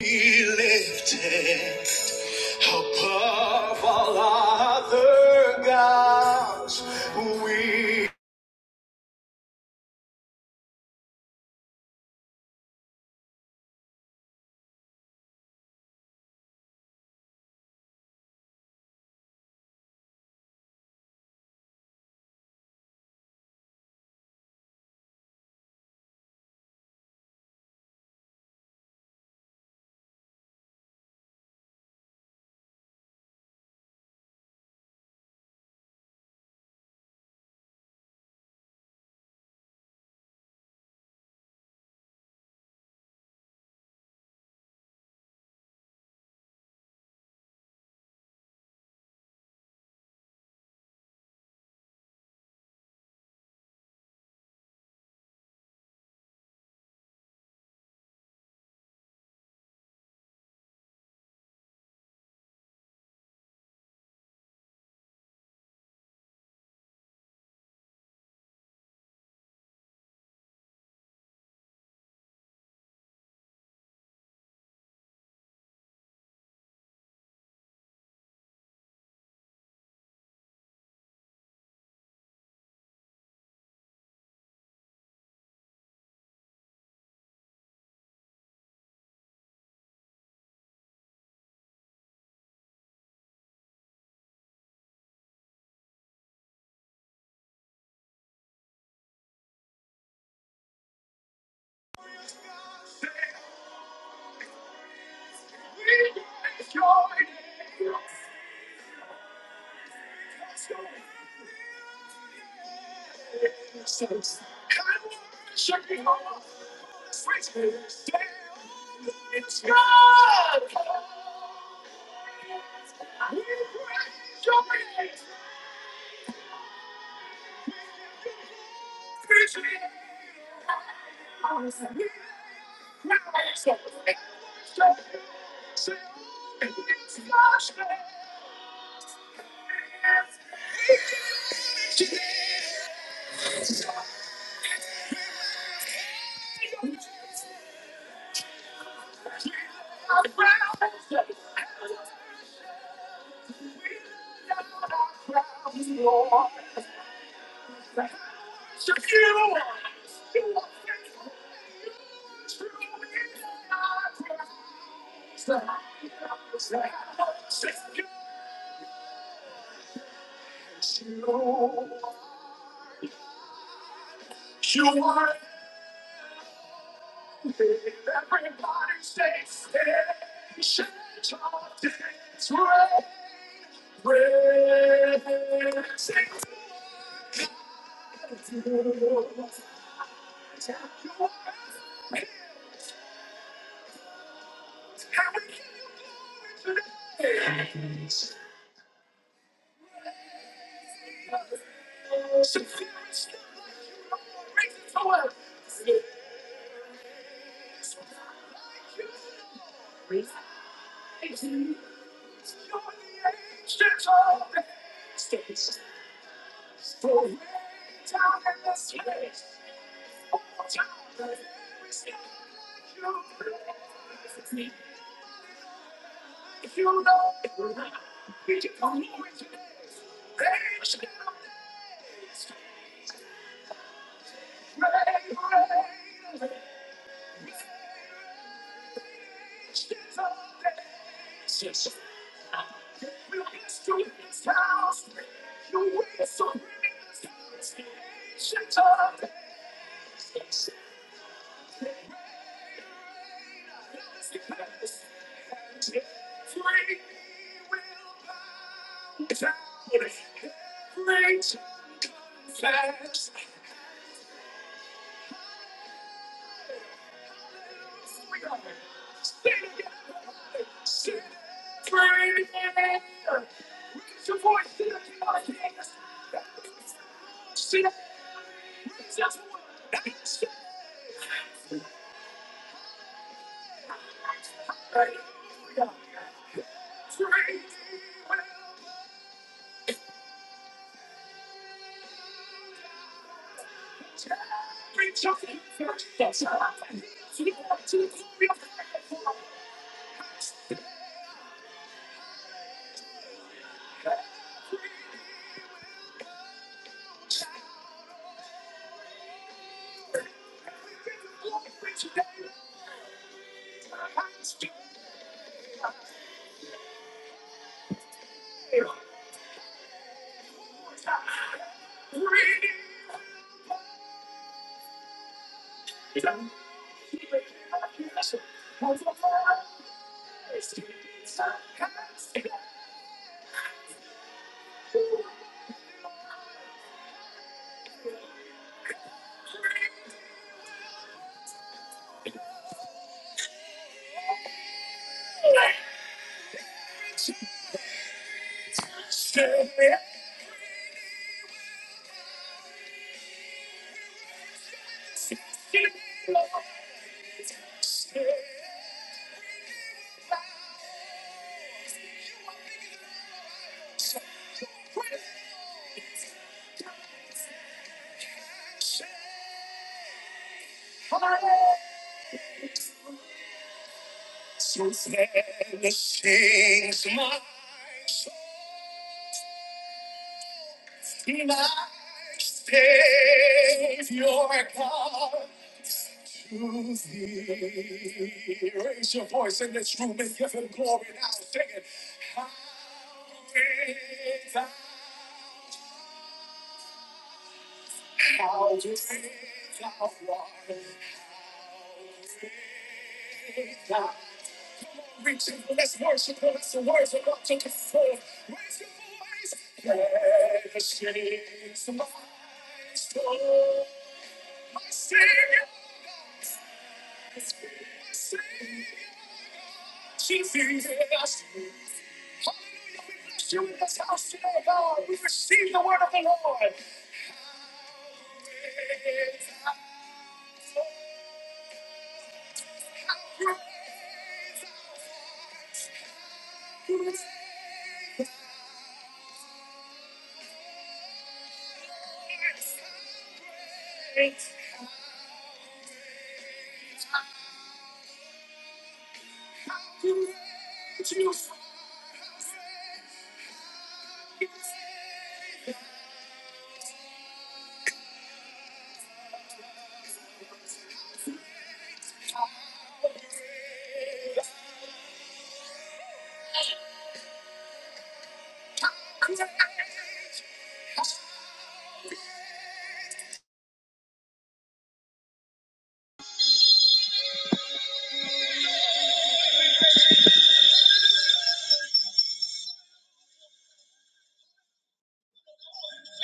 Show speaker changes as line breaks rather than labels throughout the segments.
Be lifted above all other gods. We.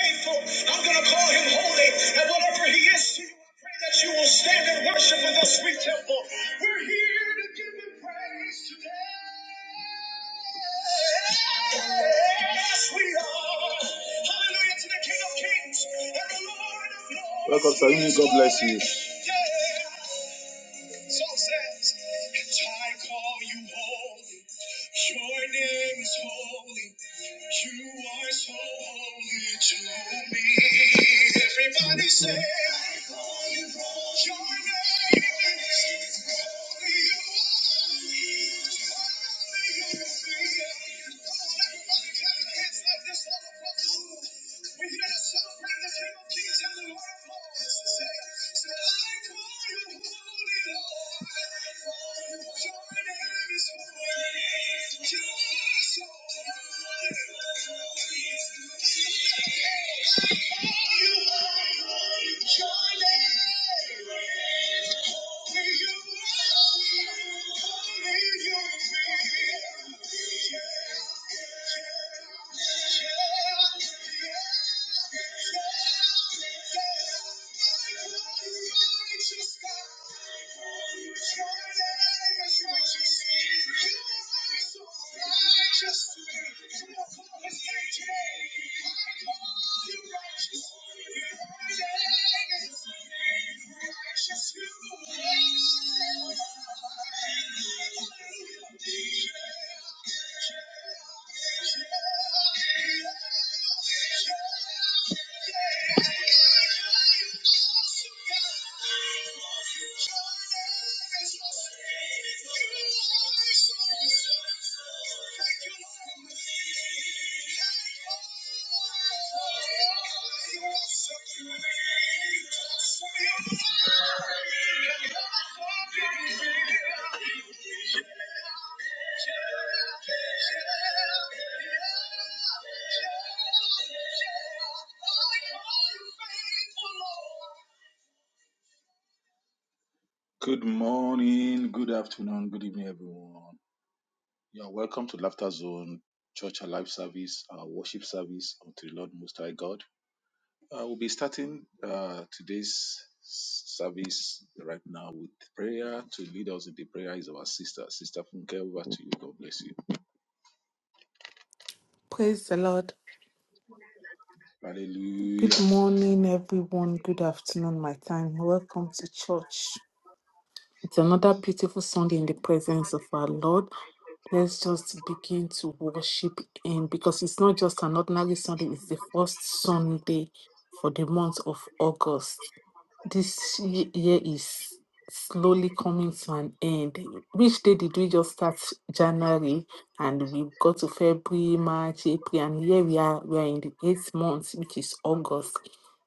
faithful. I'm going to call him holy. And whatever he is to you, I pray that you will stand and worship with us, sweet temple. We're here to give him praise today. Yes, we are. Hallelujah to the King of Kings and the Lord of Lords. Yeah. So says, and I call you holy. Your name is holy. You are so holy to me. Everybody say, Your name is holy. You are holy. You're free. Come on, everybody, clap your it's like this all across the room. We're here to celebrate the King of Kings and the Lord of Lords. Say, say, I call you holy Lord. Your name is holy. You are so
Praise the Lord. Good morning, everyone. Good afternoon, my time. Welcome to church. It's another beautiful Sunday in the presence of our Lord. Let's just begin to worship Him because it's not just an ordinary Sunday, it's the first Sunday for the month of August. This ye- year is slowly coming to an end. Which day did we just start? January, and we got to February, March, April, and here we are. We are in the eighth month, which is August.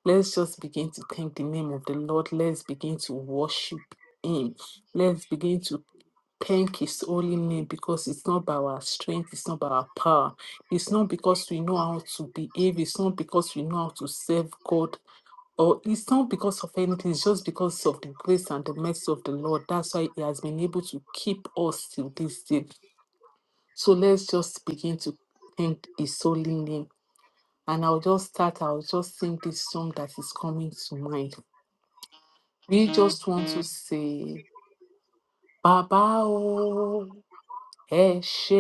Let's just begin to thank the name of the Lord. Let's begin to worship Him. Let's begin to Thank His holy name because it's not by our strength, it's not by our power, it's not because we know how to behave, it's not because we know how to serve God, or it's not because of anything, it's just because of the grace and the mercy of the Lord. That's why He has been able to keep us till this day. So let's just begin to thank His holy name. And I'll just start, I'll just sing this song that is coming to mind. We just want to say, Baba, Eshe,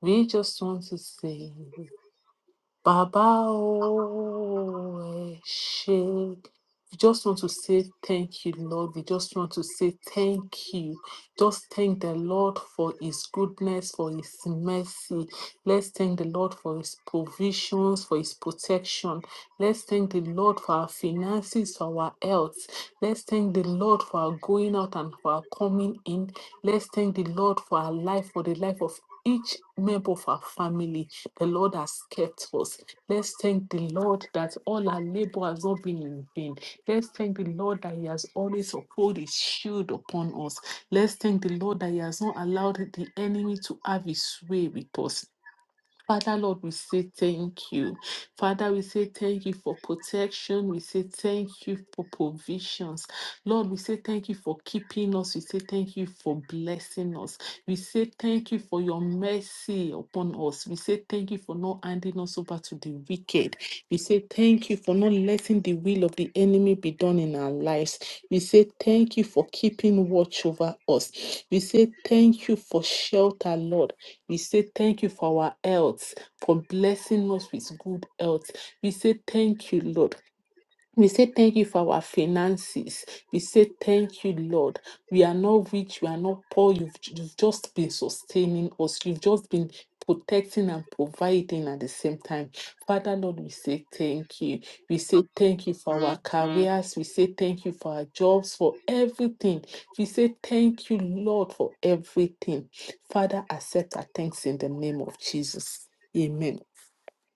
we just want to say, Baba, oh, Eshe. We just want to say thank you, Lord. We just want to say thank you. Just thank the Lord for His goodness, for His mercy. Let's thank the Lord for His provisions, for His protection. Let's thank the Lord for our finances, for our health. Let's thank the Lord for our going out and for our coming in. Let's thank the Lord for our life, for the life of each member of our family. The Lord has kept us. Let's thank the Lord that all our labor has not been in vain. Let's thank the Lord that He has always uphold His shield upon us. Let's thank the Lord that He has not allowed the enemy to have His way with us. Father Lord, we say thank you. Father, we say thank you for protection. We say thank you for provisions. Lord, we say thank you for keeping us. We say thank you for blessing us. We say thank you for your mercy upon us. We say thank you for not handing us over to the wicked. We say thank you for not letting the will of the enemy be done in our lives. We say thank you for keeping watch over us. We say thank you for shelter, Lord. We say thank you for our health, for blessing us with good health. We say thank you, Lord. We say thank you for our finances. We say thank you, Lord. We are not rich, we are not poor. You've, you've just been sustaining us, you've just been protecting and providing at the same time. Father, Lord, we say thank you. We say thank you for our careers. We say thank you for our jobs, for everything. We say thank you, Lord, for everything. Father, accept our thanks in the name of Jesus. Amen.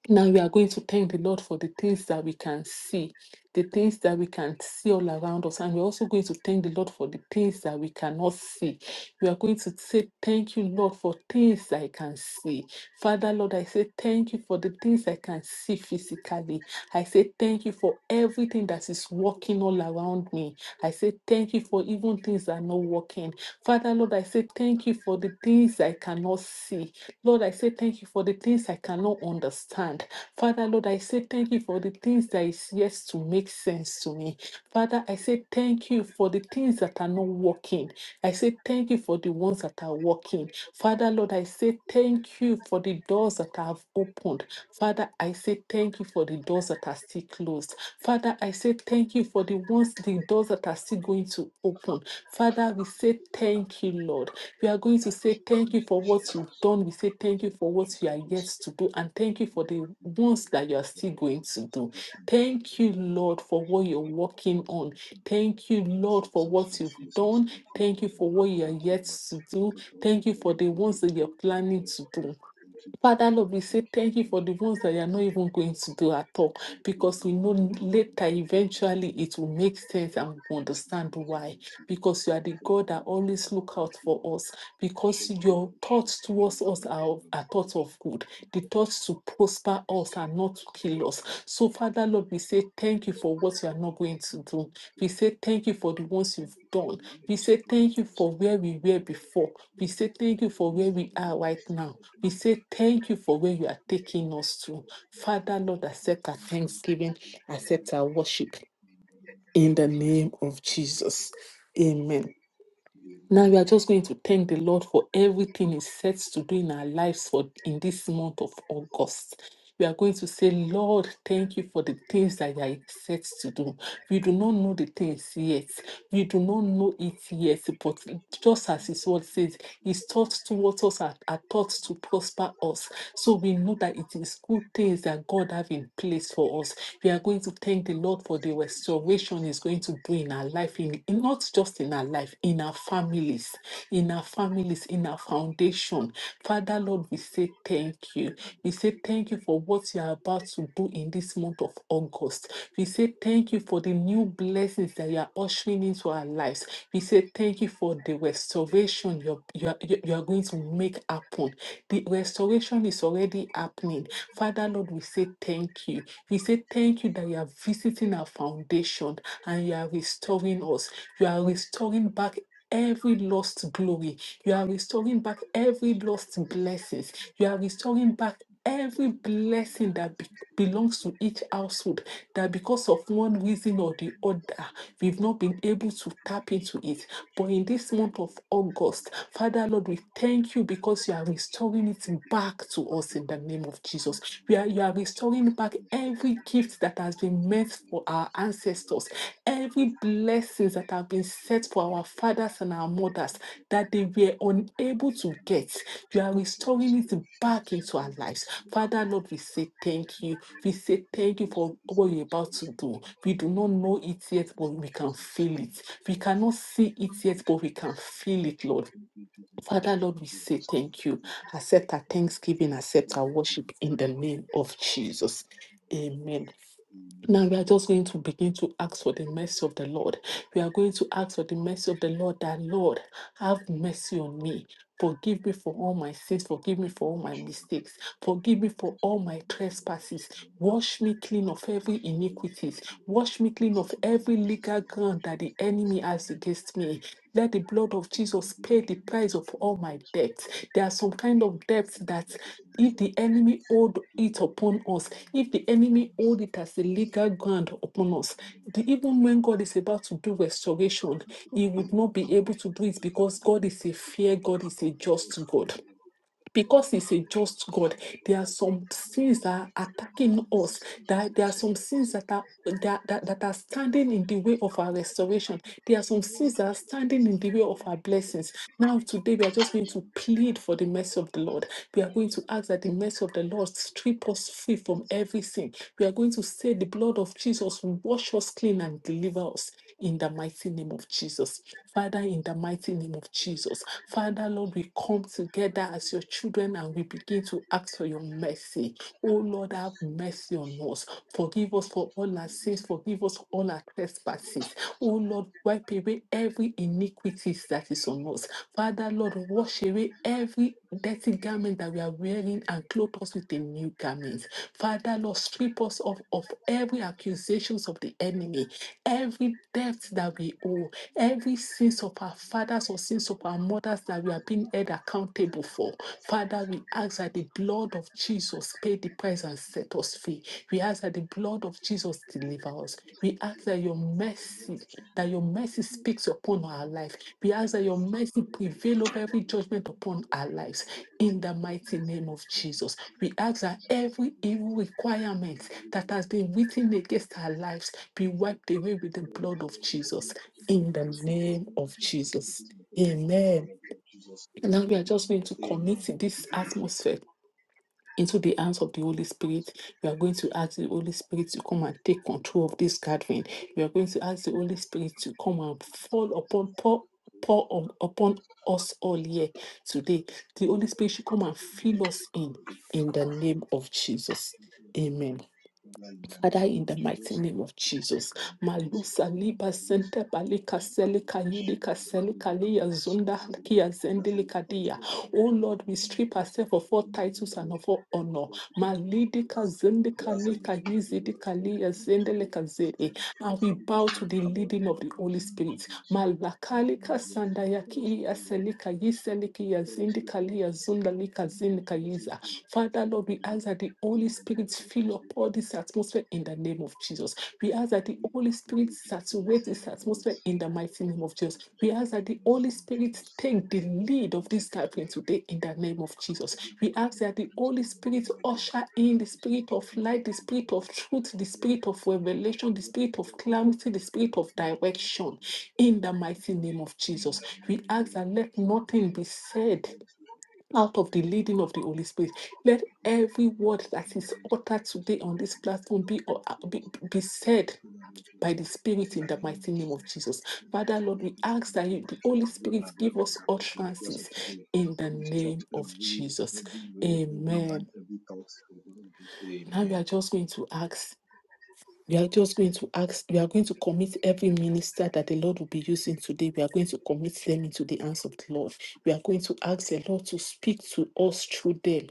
Now we are going to thank the Lord for the things that we can see, the things that we can see all around us. And we're also going to thank the Lord for the things that we cannot see. We are going to say, Thank you, Lord, for things I can see. Father, Lord, I say thank you for the things I can see physically. I say thank you for everything that is working all around me. I say thank you for even things that are not working. Father, Lord, I say thank you for the things I cannot see. Lord, I say thank you for the things I cannot understand. Father, Lord, I say thank you for the things that is yet to make sense to me. Father, I say thank you for the things that are not working. I say thank you for the ones that are working. Father, Lord, I say thank you for the doors that I have opened. Father, I say thank you for the doors that are still closed. Father, I say thank you for the ones, the doors that are still going to open. Father, we say thank you, Lord. We are going to say thank you for what you've done. We say thank you for what you are yet to do. And thank you for the ones that you are still going to do. Thank you, Lord, for what you're working on. Thank you, Lord, for what you've done. Thank you for what you are yet to do. Thank you for the ones that you're planning to do. Father Lord, we say thank you for the ones that you are not even going to do at all because we know later, eventually, it will make sense and we understand why. Because you are the God that always look out for us. Because your thoughts towards us are, are thoughts of good, the thoughts to prosper us and not to kill us. So, Father Lord, we say thank you for what you are not going to do. We say thank you for the ones you've done. We say thank you for where we were before. We say thank you for where we are right now. We say thank you for where you are taking us to. Father, Lord, accept our thanksgiving, accept our worship in the name of Jesus. Amen. Now we are just going to thank the Lord for everything He sets to do in our lives for in this month of August. We are going to say, Lord, thank you for the things that you are set to do. We do not know the things yet. We do not know it yet. But just as His word says, His thoughts towards us are, are thoughts to prosper us. So we know that it is good things that God have in place for us. We are going to thank the Lord for the restoration He's going to do in our life, in, in- not just in our life, in our families, in our families, in our foundation. Father Lord, we say thank you. We say thank you for what you are about to do in this month of August. We say thank you for the new blessings that you are ushering into our lives. We say thank you for the restoration you're, you're, you're going to make happen the restoration is already happening. Father Lord, we say thank you. We say thank you that you are visiting our foundation and you are restoring us. You are restoring back every lost glory. You are restoring back every lost blessings. You are restoring back every blessing that be- belongs to each household that because of one reason or the other we've not been able to tap into it but in this month of August, Father Lord, we thank you because you are restoring it back to us in the name of Jesus. We are, you are restoring back every gift that has been meant for our ancestors, every blessings that have been set for our fathers and our mothers that they were unable to get. You are restoring it back into our lives. Father, Lord, we say thank you. We say thank you for what you're about to do. We do not know it yet, but we can feel it. We cannot see it yet, but we can feel it, Lord. Father, Lord, we say thank you. Accept our thanksgiving, accept our worship in the name of Jesus. Amen. Now we are just going to begin to ask for the mercy of the Lord. We are going to ask for the mercy of the Lord that, Lord, have mercy on me. Forgive me for all my sins. Forgive me for all my mistakes. Forgive me for all my trespasses. Wash me clean of every iniquities. Wash me clean of every legal ground that the enemy has against me. Let the blood of Jesus pay the price of all my debts. There are some kind of debts that if the enemy hold it upon us, if the enemy hold it as a legal ground upon us, the, even when God is about to do restoration, he would not be able to do it because God is a fair God, is a just God because he's a just God, there are some sins that are attacking us. That there are some sins that are that, that, that are standing in the way of our restoration. There are some sins that are standing in the way of our blessings. Now, today, we are just going to plead for the mercy of the Lord. We are going to ask that the mercy of the Lord strip us free from every sin. We are going to say, The blood of Jesus will wash us clean and deliver us in the mighty name of Jesus. Father, in the mighty name of Jesus, Father, Lord, we come together as your children and we begin to ask for your mercy. Oh, Lord, have mercy on us. Forgive us for all our sins. Forgive us for all our trespasses. Oh, Lord, wipe away every iniquities that is on us. Father, Lord, wash away every dirty garment that we are wearing and clothe us with a new garment. Father, Lord, strip us of, of every accusations of the enemy, every debt that we owe Every sins of our fathers or sins of our mothers that we are being held accountable for, Father, we ask that the blood of Jesus pay the price and set us free. We ask that the blood of Jesus deliver us. We ask that your mercy, that your mercy speaks upon our life. We ask that your mercy prevail over every judgment upon our lives. In the mighty name of Jesus, we ask that every evil requirement that has been written against our lives be wiped away with the blood of Jesus in the name of Jesus. Amen. And Now we are just going to commit this atmosphere into the hands of the Holy Spirit. We are going to ask the Holy Spirit to come and take control of this gathering. We are going to ask the Holy Spirit to come and fall upon pour, pour on, upon us all here today. The Holy Spirit should come and fill us in in the name of Jesus. Amen. Father, in the mighty name of Jesus. Malusa liba sente balika selika yidika selika liya zunda kia zendelika dia. Oh Lord, we strip ourselves of all titles and of all honor. Malidika zendika lika yizidika liya zendelika zede. And we bow to the leading of the Holy Spirit. Malakalika Sandayakiri Aselika Yiseliki Yazindikali Yazundalika Zindika Yiza. Father Lord, we ask that the Holy Spirit fill up all this atmosphere in the name of Jesus. We ask that the Holy Spirit saturates this atmosphere in the mighty name of Jesus. We ask that the Holy Spirit take the lead of this gathering today in the name of Jesus. We ask that the Holy Spirit usher in the spirit of light, the spirit of truth, the spirit of revelation, the spirit of clarity, the spirit of direction in the mighty name of Jesus. We ask that let nothing be said out of the leading of the Holy Spirit. Let every word that is uttered today on this platform be, uh, be, be said by the Spirit in the mighty name of Jesus. Father, Lord, we ask that you, the Holy Spirit give us utterances in the name of Jesus. Amen. Now we are just going to ask. We are just going to ask, we are going to commit every minister that the Lord will be using today. We are going to commit them into the hands of the Lord. We are going to ask the Lord to speak to us through them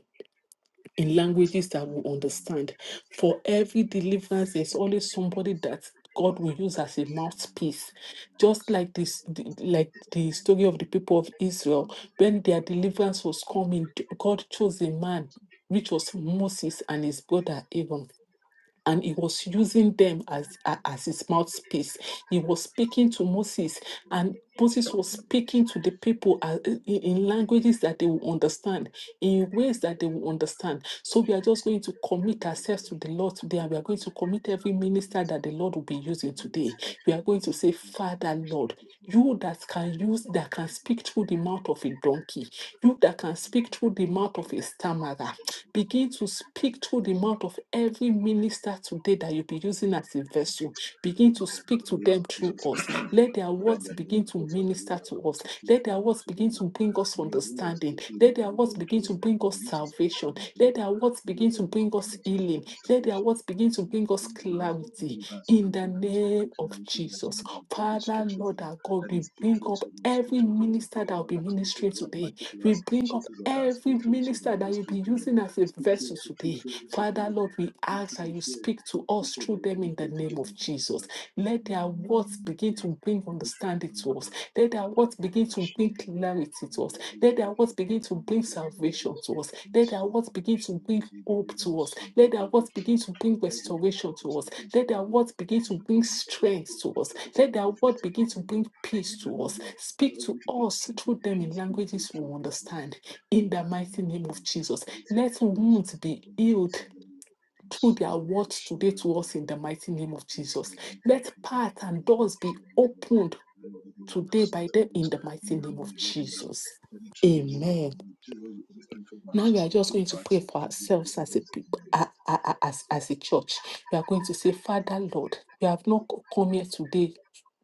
in languages that we understand. For every deliverance, there's always somebody that God will use as a mouthpiece. Just like this, the- like the story of the people of Israel, when their deliverance was coming, God chose a man, which was Moses and his brother Aaron and he was using them as a- as his mouthpiece. He was speaking to Moses, and Moses was speaking to the people uh, in, in languages that they will understand, in ways that they will understand. So we are just going to commit ourselves to the Lord today, and we are going to commit every minister that the Lord will be using today. We are going to say, Father, Lord. You that can use, that can speak through the mouth of a donkey, you that can speak through the mouth of a stammerer, Begin to speak through the mouth of every minister today that you'll be using as a vessel. Begin to speak to them through us. Let their words begin to minister to us. Let their words begin to bring us understanding. Let their words begin to bring us salvation. Let their words begin to bring us healing. Let their words begin to bring us clarity. In the name of Jesus. Father, Lord, our God, we bring up every minister that will be ministering today. We bring up every minister that you'll be using as a vessel today. Father, Lord, we ask that you speak to us through them in the name of Jesus. Let their words begin to bring understanding to us. Let their words begin to bring clarity to us. Let their words begin to bring salvation to us. Let their words begin to bring hope to us. Let their words begin to bring restoration to us. Let their words begin to bring strength to us. Let their word begin to bring peace to us. Speak to us through them in languages we understand. In the mighty name of Jesus, let wounds be healed. Through their words today to us in the mighty name of Jesus. Let paths and doors be opened today by them in the mighty name of Jesus. Amen. Now we are just going to pray for ourselves as a people, a- a- a- as, as a church. We are going to say, Father, Lord, we have not co- come here today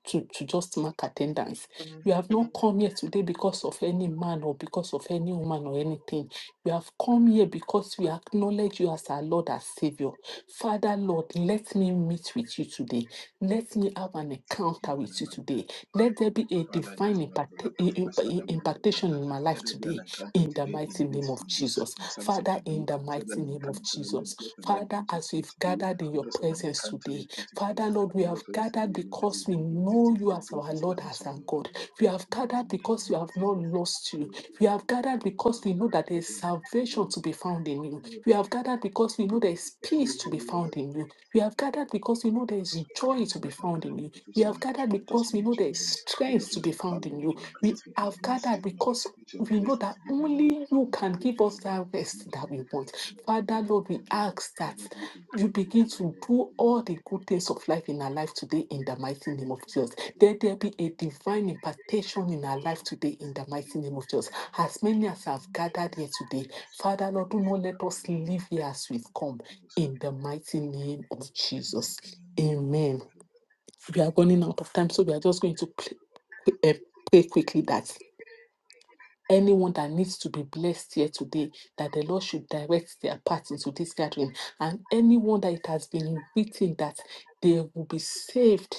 to, to just mark attendance. We have not come here today because of any man or because of any woman or anything. We have come here because we acknowledge you as our Lord, as Savior. Father, Lord, let me meet with you today. Let me have an encounter with you today. Let there be a divine impacta- i- i- impactation in my life today in the mighty name of Jesus. Father, in the mighty name of Jesus. Father, as we've gathered in your presence today, Father, Lord, we have gathered because we know you as our Lord, as our God. We have gathered because we have not lost you. We have gathered because we know that there is salvation to be found in you. We have gathered because we know there is peace to be found in you. We have gathered because we know there is joy to be found in you. We have gathered because we know there is strength to be found in you. We have gathered because we know that only you can give us that rest that we want. Father, Lord, we ask that you begin to do all the good things of life in our life today in the mighty name of Jesus. Let there be a divine impartation in our life today in the mighty name of Jesus. As many as have gathered here today, Father, Lord, do not let us leave here as we've come in the mighty name of Jesus. Amen. We are running out of time, so we are just going to play, eh, pray quickly that anyone that needs to be blessed here today, that the Lord should direct their path into this gathering, and anyone that it has been written that they will be saved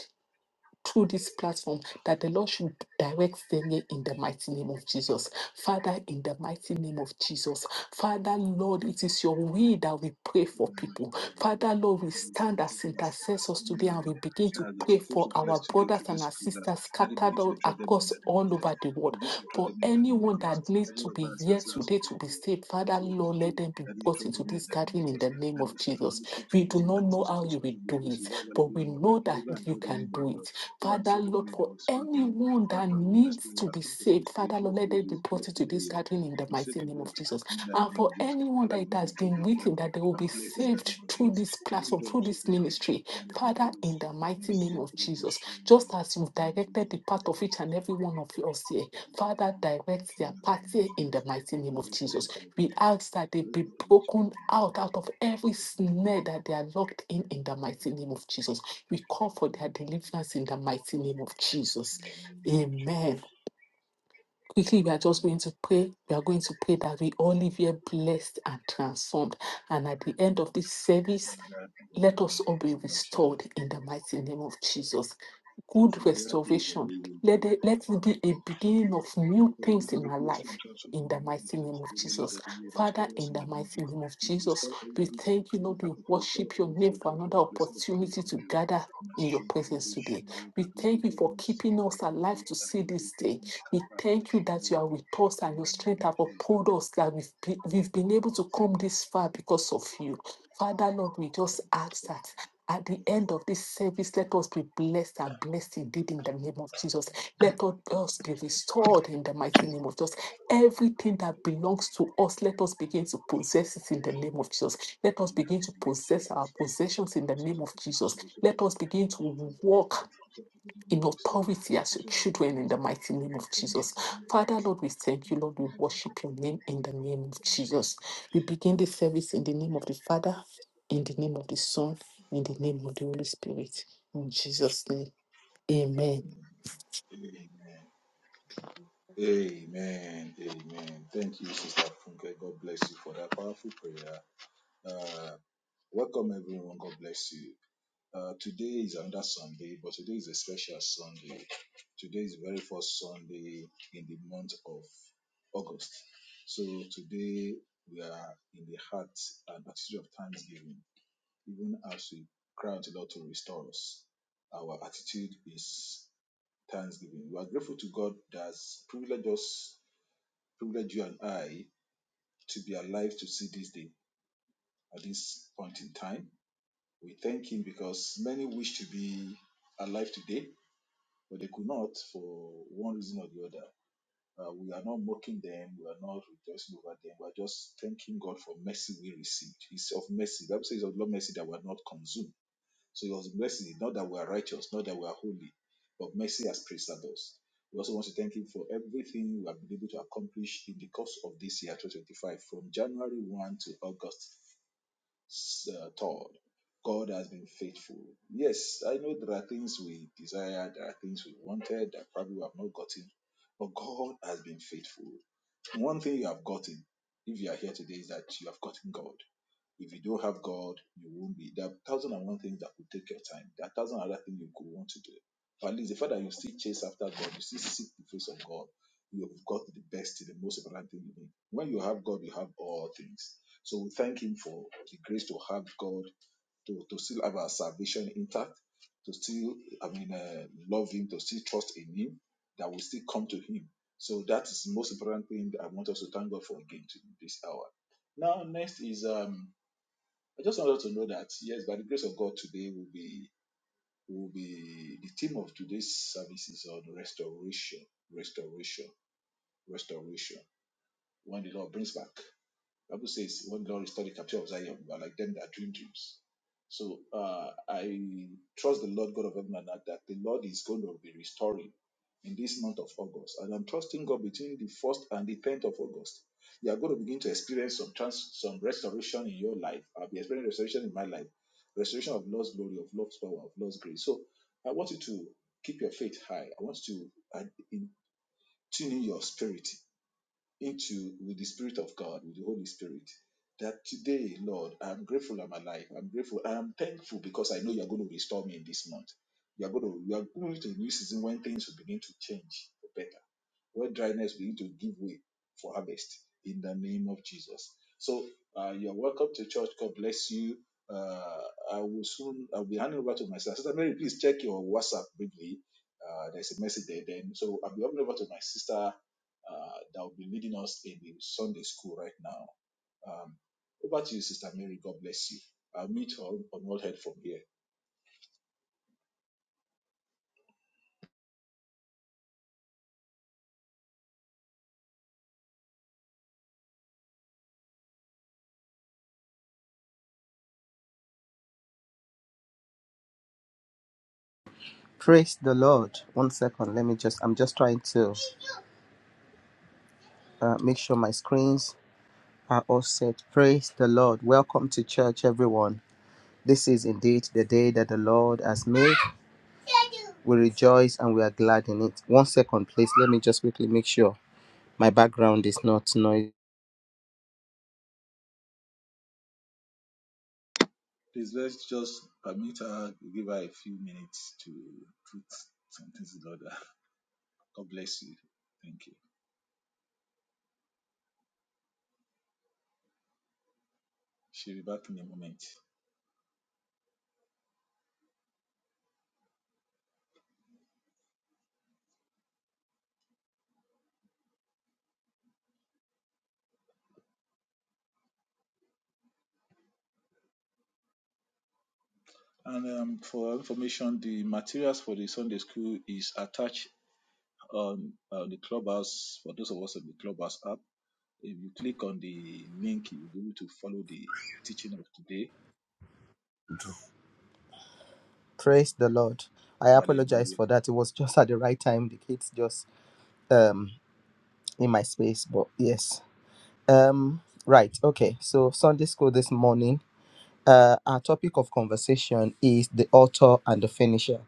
through this platform that the Lord should direct them here in the mighty name of Jesus. Father, in the mighty name of Jesus. Father, Lord, it is your will that we pray for people. Father, Lord, we stand as intercessors today and we begin to pray for our brothers and our sisters scattered all across all over the world. For anyone that needs to be here today to be saved, Father, Lord, let them be brought into this gathering in the name of Jesus. We do not know how you will do it, but we know that you can do it. Father, Lord, for anyone that needs to be saved, Father, Lord, let them be brought into this gathering in the mighty name of Jesus. And for anyone that it has been written that they will be saved through this platform, through this ministry, Father, in the mighty name of Jesus, just as you've directed the path of each and every one of us here, Father, direct their path here in the mighty name of Jesus. We ask that they be broken out out of every snare that they are locked in in the mighty name of Jesus. We call for their deliverance in the mighty name of Jesus. Amen quickly we are just going to pray we are going to pray that we all live here blessed and transformed and at the end of this service let us all be restored in the mighty name of jesus good restoration let it, let it be a beginning of new things in our life in the mighty name of Jesus. Father, in the mighty name of Jesus, we thank you, Lord. We worship your name for another opportunity to gather in your presence today. We thank you for keeping us alive to see this day. We thank you that you are with us and your strength have upheld us, that we've been, we've been able to come this far because of you. Father, Lord, we just ask that at the end of this service, let us be blessed and blessed indeed in the name of Jesus. Let all us be restored in the mighty name of Jesus. Everything that belongs to us, let us begin to possess it in the name of Jesus. Let us begin to possess our possessions in the name of Jesus. Let us begin to walk in authority as your children in the mighty name of Jesus. Father, Lord, we thank you, Lord. We worship your name in the name of Jesus. We begin the service in the name of the Father, in the name of the Son, in the name of the Holy Spirit. In Jesus' name, amen.
Praise the Lord. One second, let me just, I'm just trying to uh, make sure my screens are all set. Praise the Lord. Welcome to church, everyone. This is indeed the day that the Lord has made. We rejoice and we are glad in it. One second, please. Let me just quickly make sure my background is not noisy. Praise the Lord. I apologize for that. It was just at the right time. The kids just um in my space, but yes. Um right, okay. So Sunday school this morning Uh, our topic of conversation is the author and the finisher.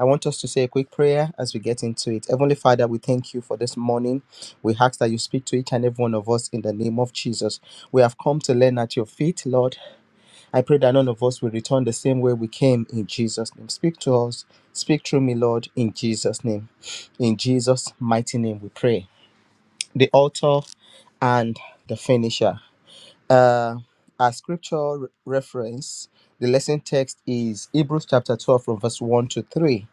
I want us to say a quick prayer as we get into it. Heavenly Father, we thank you for this morning. We ask that you speak to each and every one of us in the name of Jesus. We have come to learn at your feet, Lord. I pray that none of us will return the same way we came in Jesus' name. Speak to us. Speak through me, Lord, in Jesus' name. In Jesus' mighty name we pray. The author and the finisher. Uh, our scripture re- reference, the lesson text is Hebrews chapter 12 from verse 1 to 3.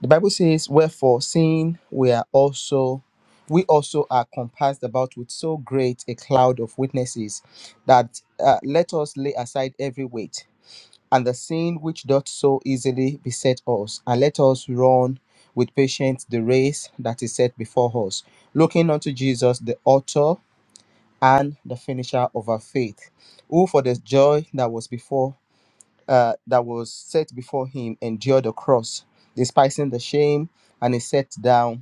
The Bible says, Wherefore, seeing we are also we also are compassed about with so great a cloud of witnesses that uh, let us lay aside every weight and the sin which doth so easily beset us, and let us run with patience the race that is set before us, looking unto Jesus, the author and the finisher of our faith, who for the joy that was before uh, that was set before him endured the cross, despising the shame, and is set down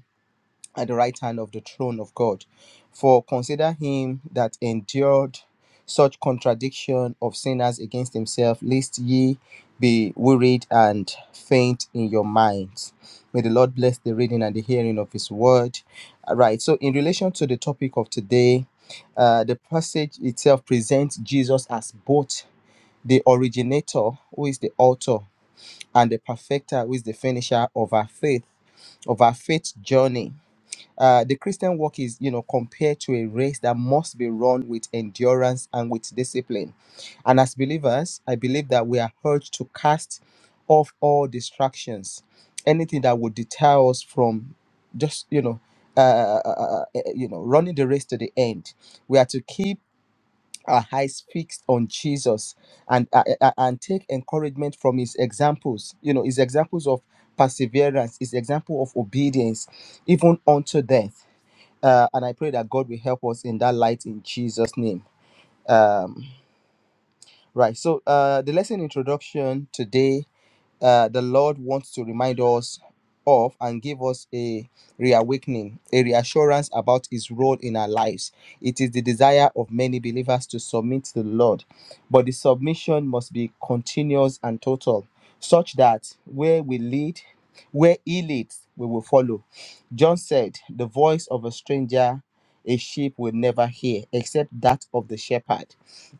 at the right hand of the throne of God. For consider him that endured such contradiction of sinners against himself, lest ye be wearied and faint in your minds. May the Lord bless the reading and the hearing of his word. All right, so in relation to the topic of today, uh, the passage itself presents Jesus as both the originator, who is the author, and the perfecter, who is the finisher of our faith, of our faith journey uh, the Christian walk is, you know, compared to a race that must be run with endurance and with discipline. And as believers, I believe that we are urged to cast off all distractions, anything that would deter us from just, you know, uh, uh, uh, uh, uh, uh, uh, you know, running the race to the end. We are to keep our eyes fixed on Jesus and uh, uh, uh, and take encouragement from his examples. You know, his examples of perseverance, his example of obedience, even unto death uh, and I pray that God will help us in that light in Jesus' name. Um, right. So uh, the lesson introduction today uh, the Lord wants to remind us of and give us a reawakening, a reassurance about His role in our lives. It is the desire of many believers to submit to the Lord, but the submission must be continuous and total, such that where we lead, where He leads, we will follow. John said, The voice of a stranger a sheep will never hear, except that of the shepherd.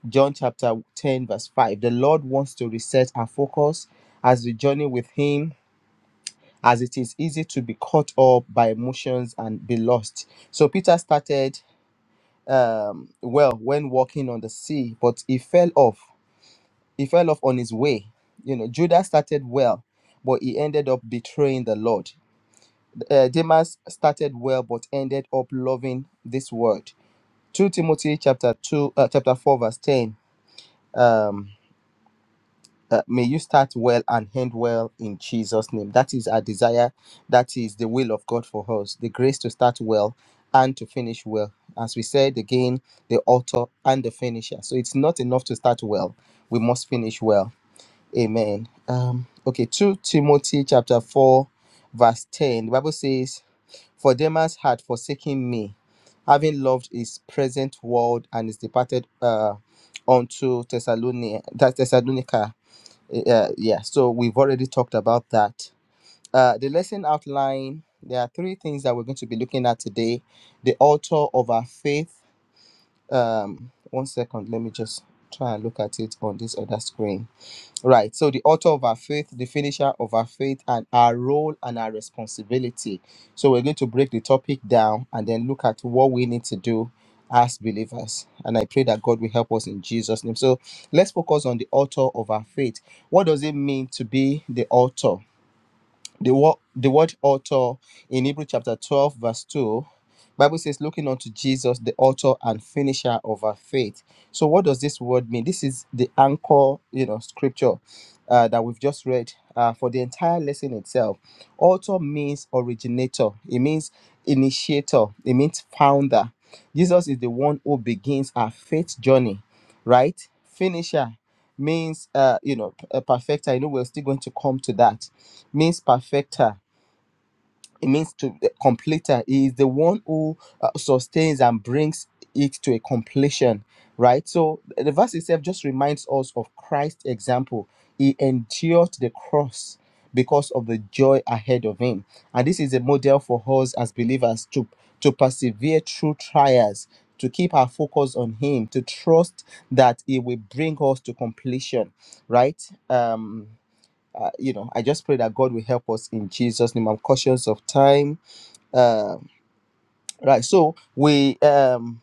John chapter 10, verse 5. The Lord wants to reset our focus as we journey with Him, as it is easy to be caught up by emotions and be lost. So Peter started um, well when walking on the sea, but he fell off. He fell off on his way. You know, Judas started well, but he ended up betraying the Lord. Uh, Demas started well, but ended up loving this world. 2 Timothy chapter 2, uh, chapter 4, verse 10. Um, Uh, may you start well and end well in Jesus' name. That is our desire. That is the will of God for us. The grace to start well and to finish well. As we said again, the author and the finisher. So it's not enough to start well. We must finish well. Amen. Um, okay, 2 Timothy chapter 4, verse 10. The Bible says, For Demas had forsaken me, having loved his present world and is departed uh, unto Thessalonica, that Thessalonica. Uh, yeah, so we've already talked about that. Uh, the lesson outline there are three things that we're going to be looking at today. The author of our faith. Um, one second, let me just try and look at it on this other screen. Right. So the author of our faith, the finisher of our faith, and our role and our responsibility. So we're going to break the topic down and then look at what we need to do as believers. And I pray that God will help us in Jesus' name. So let's focus on the author of our faith. What does it mean to be the author? The word, the word author in Hebrew chapter 12, verse 2, Bible says, looking unto Jesus, the author and finisher of our faith. So what does this word mean? This is the anchor, you know, scripture uh, that we've just read uh, for the entire lesson itself. Author means originator. It means initiator. It means founder. Jesus is the one who begins our faith journey, right? Finisher means, uh, you know, a perfecter. You know, we're still going to come to that means perfecter. It means to the completer. He is the one who uh, sustains and brings it to a completion, right? So the verse itself just reminds us of Christ's example. He endured the cross because of the joy ahead of him. And this is a model for us as believers to, to persevere through trials, to keep our focus on him, to trust that he will bring us to completion, right? Um, uh, you know, I just pray that God will help us in Jesus' name. I'm cautious of time. Uh, right. So we um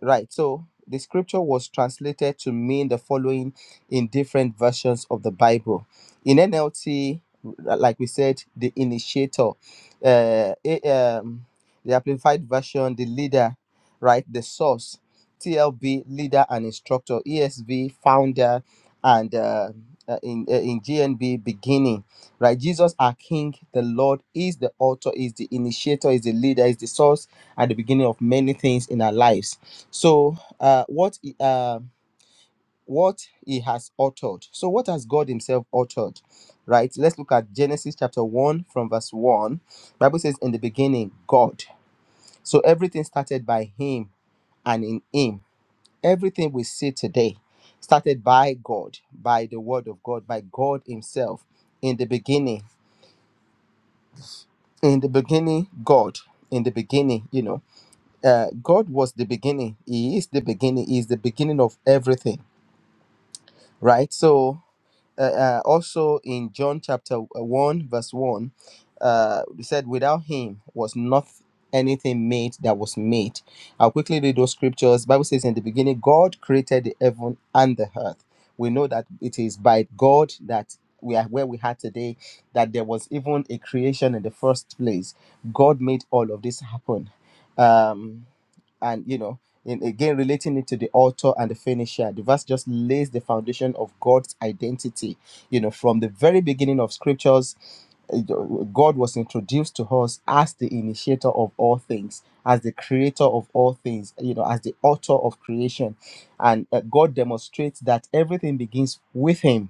Right. So the scripture was translated to mean the following in different versions of the Bible. In NLT, like we said, the initiator, uh, a- um, the amplified version, the leader, right, the source, TLB, leader and instructor, ESV, founder, and uh, uh, in uh, in GNB, beginning, right? Jesus, our King, the Lord, is the author, is the initiator, is the leader, is the source, at the beginning of many things in our lives so, uh, what he- uh, what he has authored. So, what has God Himself authored, Right. Let's look at Genesis chapter one from verse one. Bible says, "In the beginning, God." So everything started by Him and in Him. Everything we see today started by God, by the Word of God, by God Himself. In the beginning, in the beginning, God. In the beginning, you know, uh, God was the beginning. He is the beginning. He is the beginning of everything right? So uh, uh, also in John chapter uh, 1, verse 1, uh, it said, Without him was not anything made that was made. I'll quickly read those scriptures. Bible says, In the beginning, God created the heaven and the earth. We know that it is by God that we are where we are today, that there was even a creation in the first place. God made all of this happen. Um, and you know in again relating it to the author and the finisher the verse just lays the foundation of god's identity you know from the very beginning of scriptures uh, god was introduced to us as the initiator of all things as the creator of all things you know as the author of creation and uh, god demonstrates that everything begins with him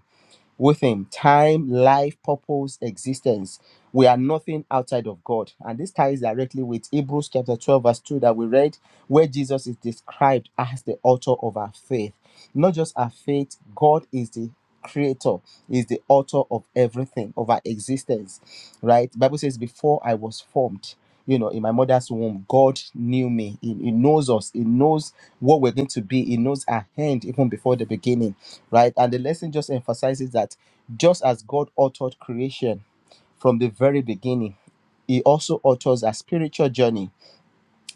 with Him time, life, purpose, existence. We are nothing outside of God. And this ties directly with Hebrews chapter 12, verse 2 that we read, where Jesus is described as the author of our faith. Not just our faith, God is the creator, is the author of everything, of our existence. Right? Bible says, Before I was formed you know, in my mother's womb, God knew me. He, he knows us. He knows what we're going to be. He knows our hand even before the beginning, right? And the lesson just emphasizes that just as God authored creation from the very beginning, He also authors our spiritual journey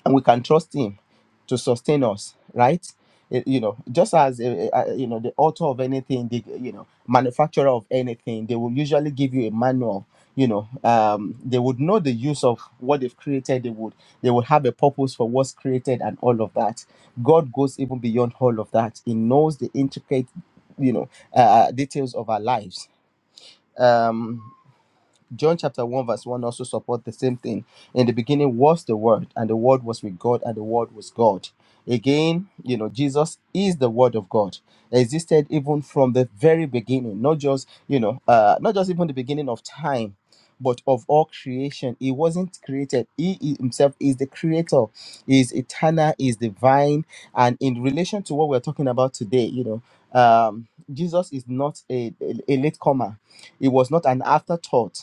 and we can trust him to sustain us right Eh, you know just as eh, eh, uh, you know the author of anything the you know manufacturer of anything they will usually give you a manual you know um, they would know the use of what they've created they would they would have a purpose for what's created and all of that god goes even beyond all of that he knows the intricate you know uh, details of our lives Um, John chapter 1 verse 1 also support the same thing. In the beginning was the word and the word was with God and the word was God. Again, you know, Jesus is the word of God. Existed even from the very beginning, not just, you know, uh not just even the beginning of time, but of all creation. He wasn't created. He i- himself is the creator. He is eternal, he is divine, and in relation to what we're talking about today, you know, um Jesus is not a, a, a latecomer. It was not an afterthought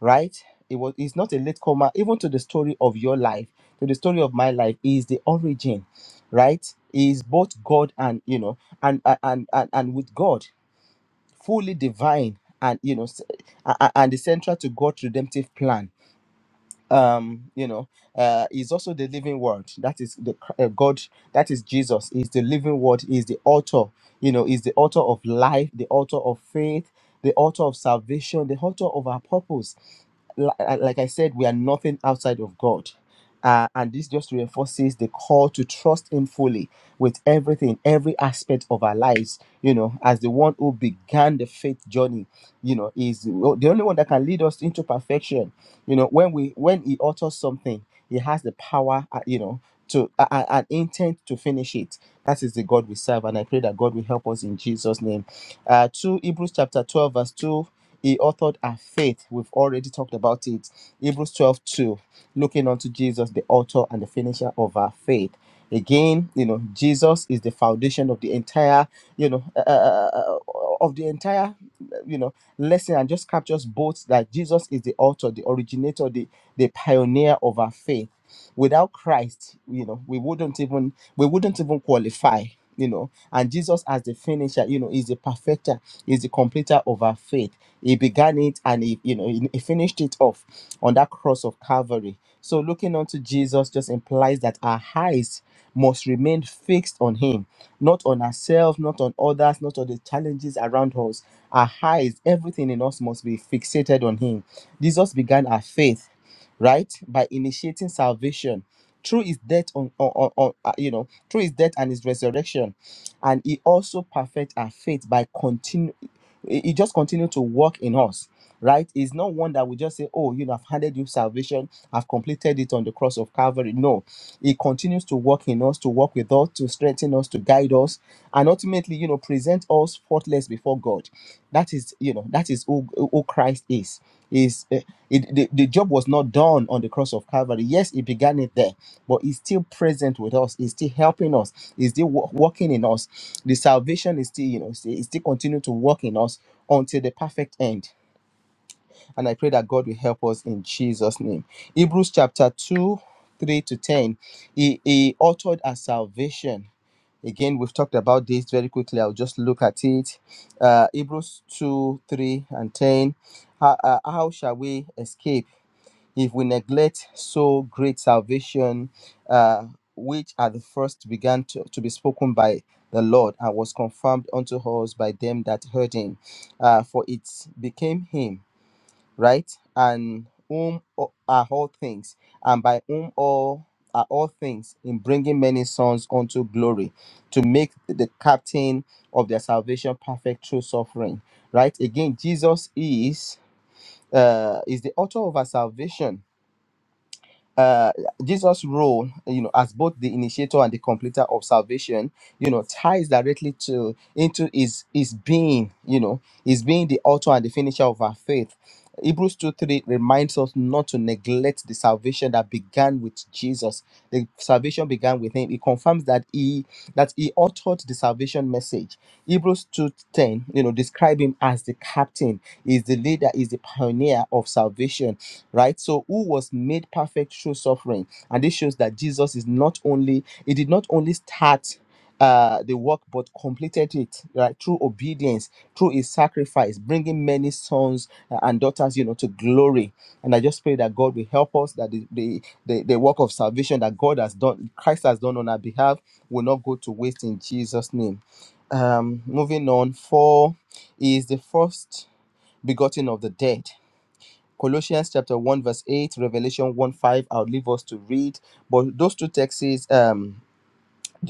right? It was it's not a late comer, even to the story of your life, to the story of my life, He is the origin, right? He Is both God and you know, and and and and and with God, fully divine and you know, s- a- a- and the central to God's redemptive plan um you know uh is also the living word that is the uh, god that is jesus is the living word is the author you know is the author of life the author of faith the author of salvation the author of our purpose Li- uh, like i said we are nothing outside of god uh, and this just reinforces the call to trust him fully with everything every aspect of our lives you know as the one who began the faith journey you know is the only one that can lead us into perfection you know when we when he authors something he has the power uh, you know to uh, uh, an intent to finish it that is the god we serve and i pray that god will help us in jesus name uh to hebrews chapter 12 verse 2 he authored our faith. We've already talked about it. Hebrews 12 2, Looking unto Jesus, the author and the finisher of our faith. Again, you know, Jesus is the foundation of the entire, you know, uh, uh, uh, uh, uh, of the entire, you know, lesson and just captures both that Jesus is the author, the originator, the, the pioneer of our faith. Without Christ, you know, we wouldn't even we wouldn't even qualify you know and jesus as the finisher you know is the perfecter is the completer of our faith he began it and he you know he, he finished it off on that cross of calvary so looking unto jesus just implies that our eyes must remain fixed on him not on ourselves not on others not on the challenges around us our eyes everything in us must be fixated on him jesus began our faith right? By initiating salvation through his death on, on, on, on, uh, you know, through his death and his resurrection. And he also perfect our faith by continue he he just continue to work in us, right? He's not one that we just say, Oh, you know, I've handed you salvation, I've completed it on the cross of Calvary. No, he continues to work in us, to work with us, to strengthen us, to guide us, and ultimately, you know, present us faultless before God. That is, you know, that is who, who Christ is. Is it, the, the job was not done on the cross of Calvary. Yes, it began it there, but it's still present with us. It's still helping us. It's still wo- working in us. The salvation is still, you know, still- it's still continue to work in us until the perfect end. And I pray that God will help us in Jesus' name. Hebrews chapter 2, 3 to 10. He, he authored our salvation. Again, we've talked about this very quickly. I'll just look at it. Uh, Hebrews 2, 3, and 10. How, uh, how shall we escape? if we neglect so great salvation, uh, which at the first began to, to be spoken by the Lord and was confirmed unto us by them that heard him, uh, for it became him, right? And whom o- are all things, and by whom all are all things, in bringing many sons unto glory, to make the captain of their salvation perfect through suffering, right? Again, Jesus is uh, is the author of our salvation uh, Jesus' role, you know, as both the initiator and the completer of salvation, you know, ties directly to into his his being, you know, his being the author and the finisher of our faith. Hebrews 2 3 reminds us not to neglect the salvation that began with Jesus. The salvation began with him. It confirms that he that he authored the salvation message. Hebrews 2:10, you know, describe him as the captain, is the leader, is the pioneer of salvation, right? So who was made perfect through suffering. And this shows that Jesus is not only, he did not only start uh, the work but completed it right through obedience through his sacrifice bringing many sons uh, and daughters you know to glory and i just pray that god will help us that the the, the, the work of salvation that god has done christ has done on our behalf will not go to waste in jesus name um moving on for he is the first begotten of the dead colossians chapter 1 verse 8 revelation 1 5 i'll leave us to read but those two texts um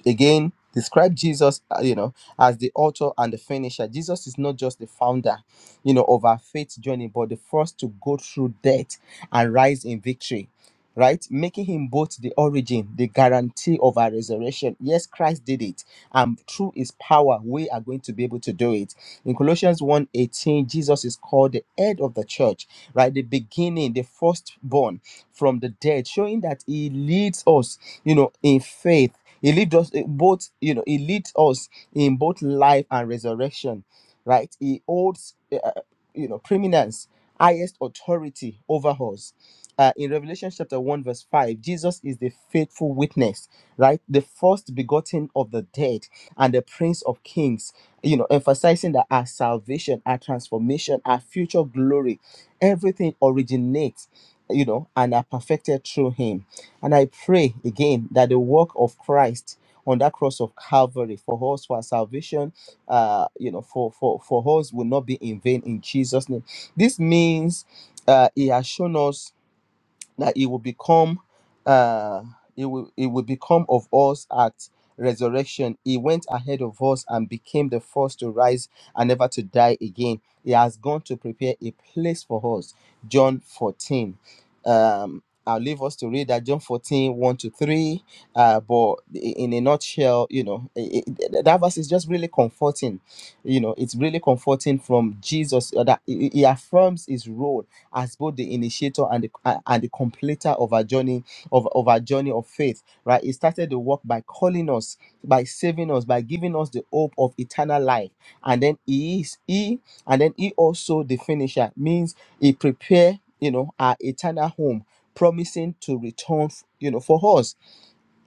again describe jesus uh, you know as the author and the finisher jesus is not just the founder you know of our faith journey but the first to go through death and rise in victory right making him both the origin the guarantee of our resurrection yes christ did it and through his power we are going to be able to do it in colossians one eighteen, jesus is called the head of the church right the beginning the firstborn from the dead showing that he leads us you know in faith he leads us eh, both, you know, he leads us in both life and resurrection, right? He holds, eh, uh, you know, preeminence, highest authority over us. Uh, in Revelation chapter 1, verse 5, Jesus is the faithful witness, right? The first begotten of the dead and the prince of kings, you know, emphasizing that our salvation, our transformation, our future glory, everything originates, you know, and are perfected through him and I pray again that the work of Christ on that cross of Calvary for us, for our salvation, uh, you know, for for for us will not be in vain in Jesus' name. This means uh, He has shown us that it will become uh it will it will become of us at resurrection he went ahead of us and became the first to rise and never to die again he has gone to prepare a place for us john 14 um i'll leave us to read that john fourteen one to 3 uh but in a nutshell you know i i- that verse is just really comforting you know it's really comforting from jesus uh, that he he affirms his role as both the initiator and the, a- and the completer of our journey of, of our journey of faith right he started the work by calling us by saving us by giving us the hope of eternal life and then he is he and then he also the finisher means he prepare you know our eternal home promising to return you know for us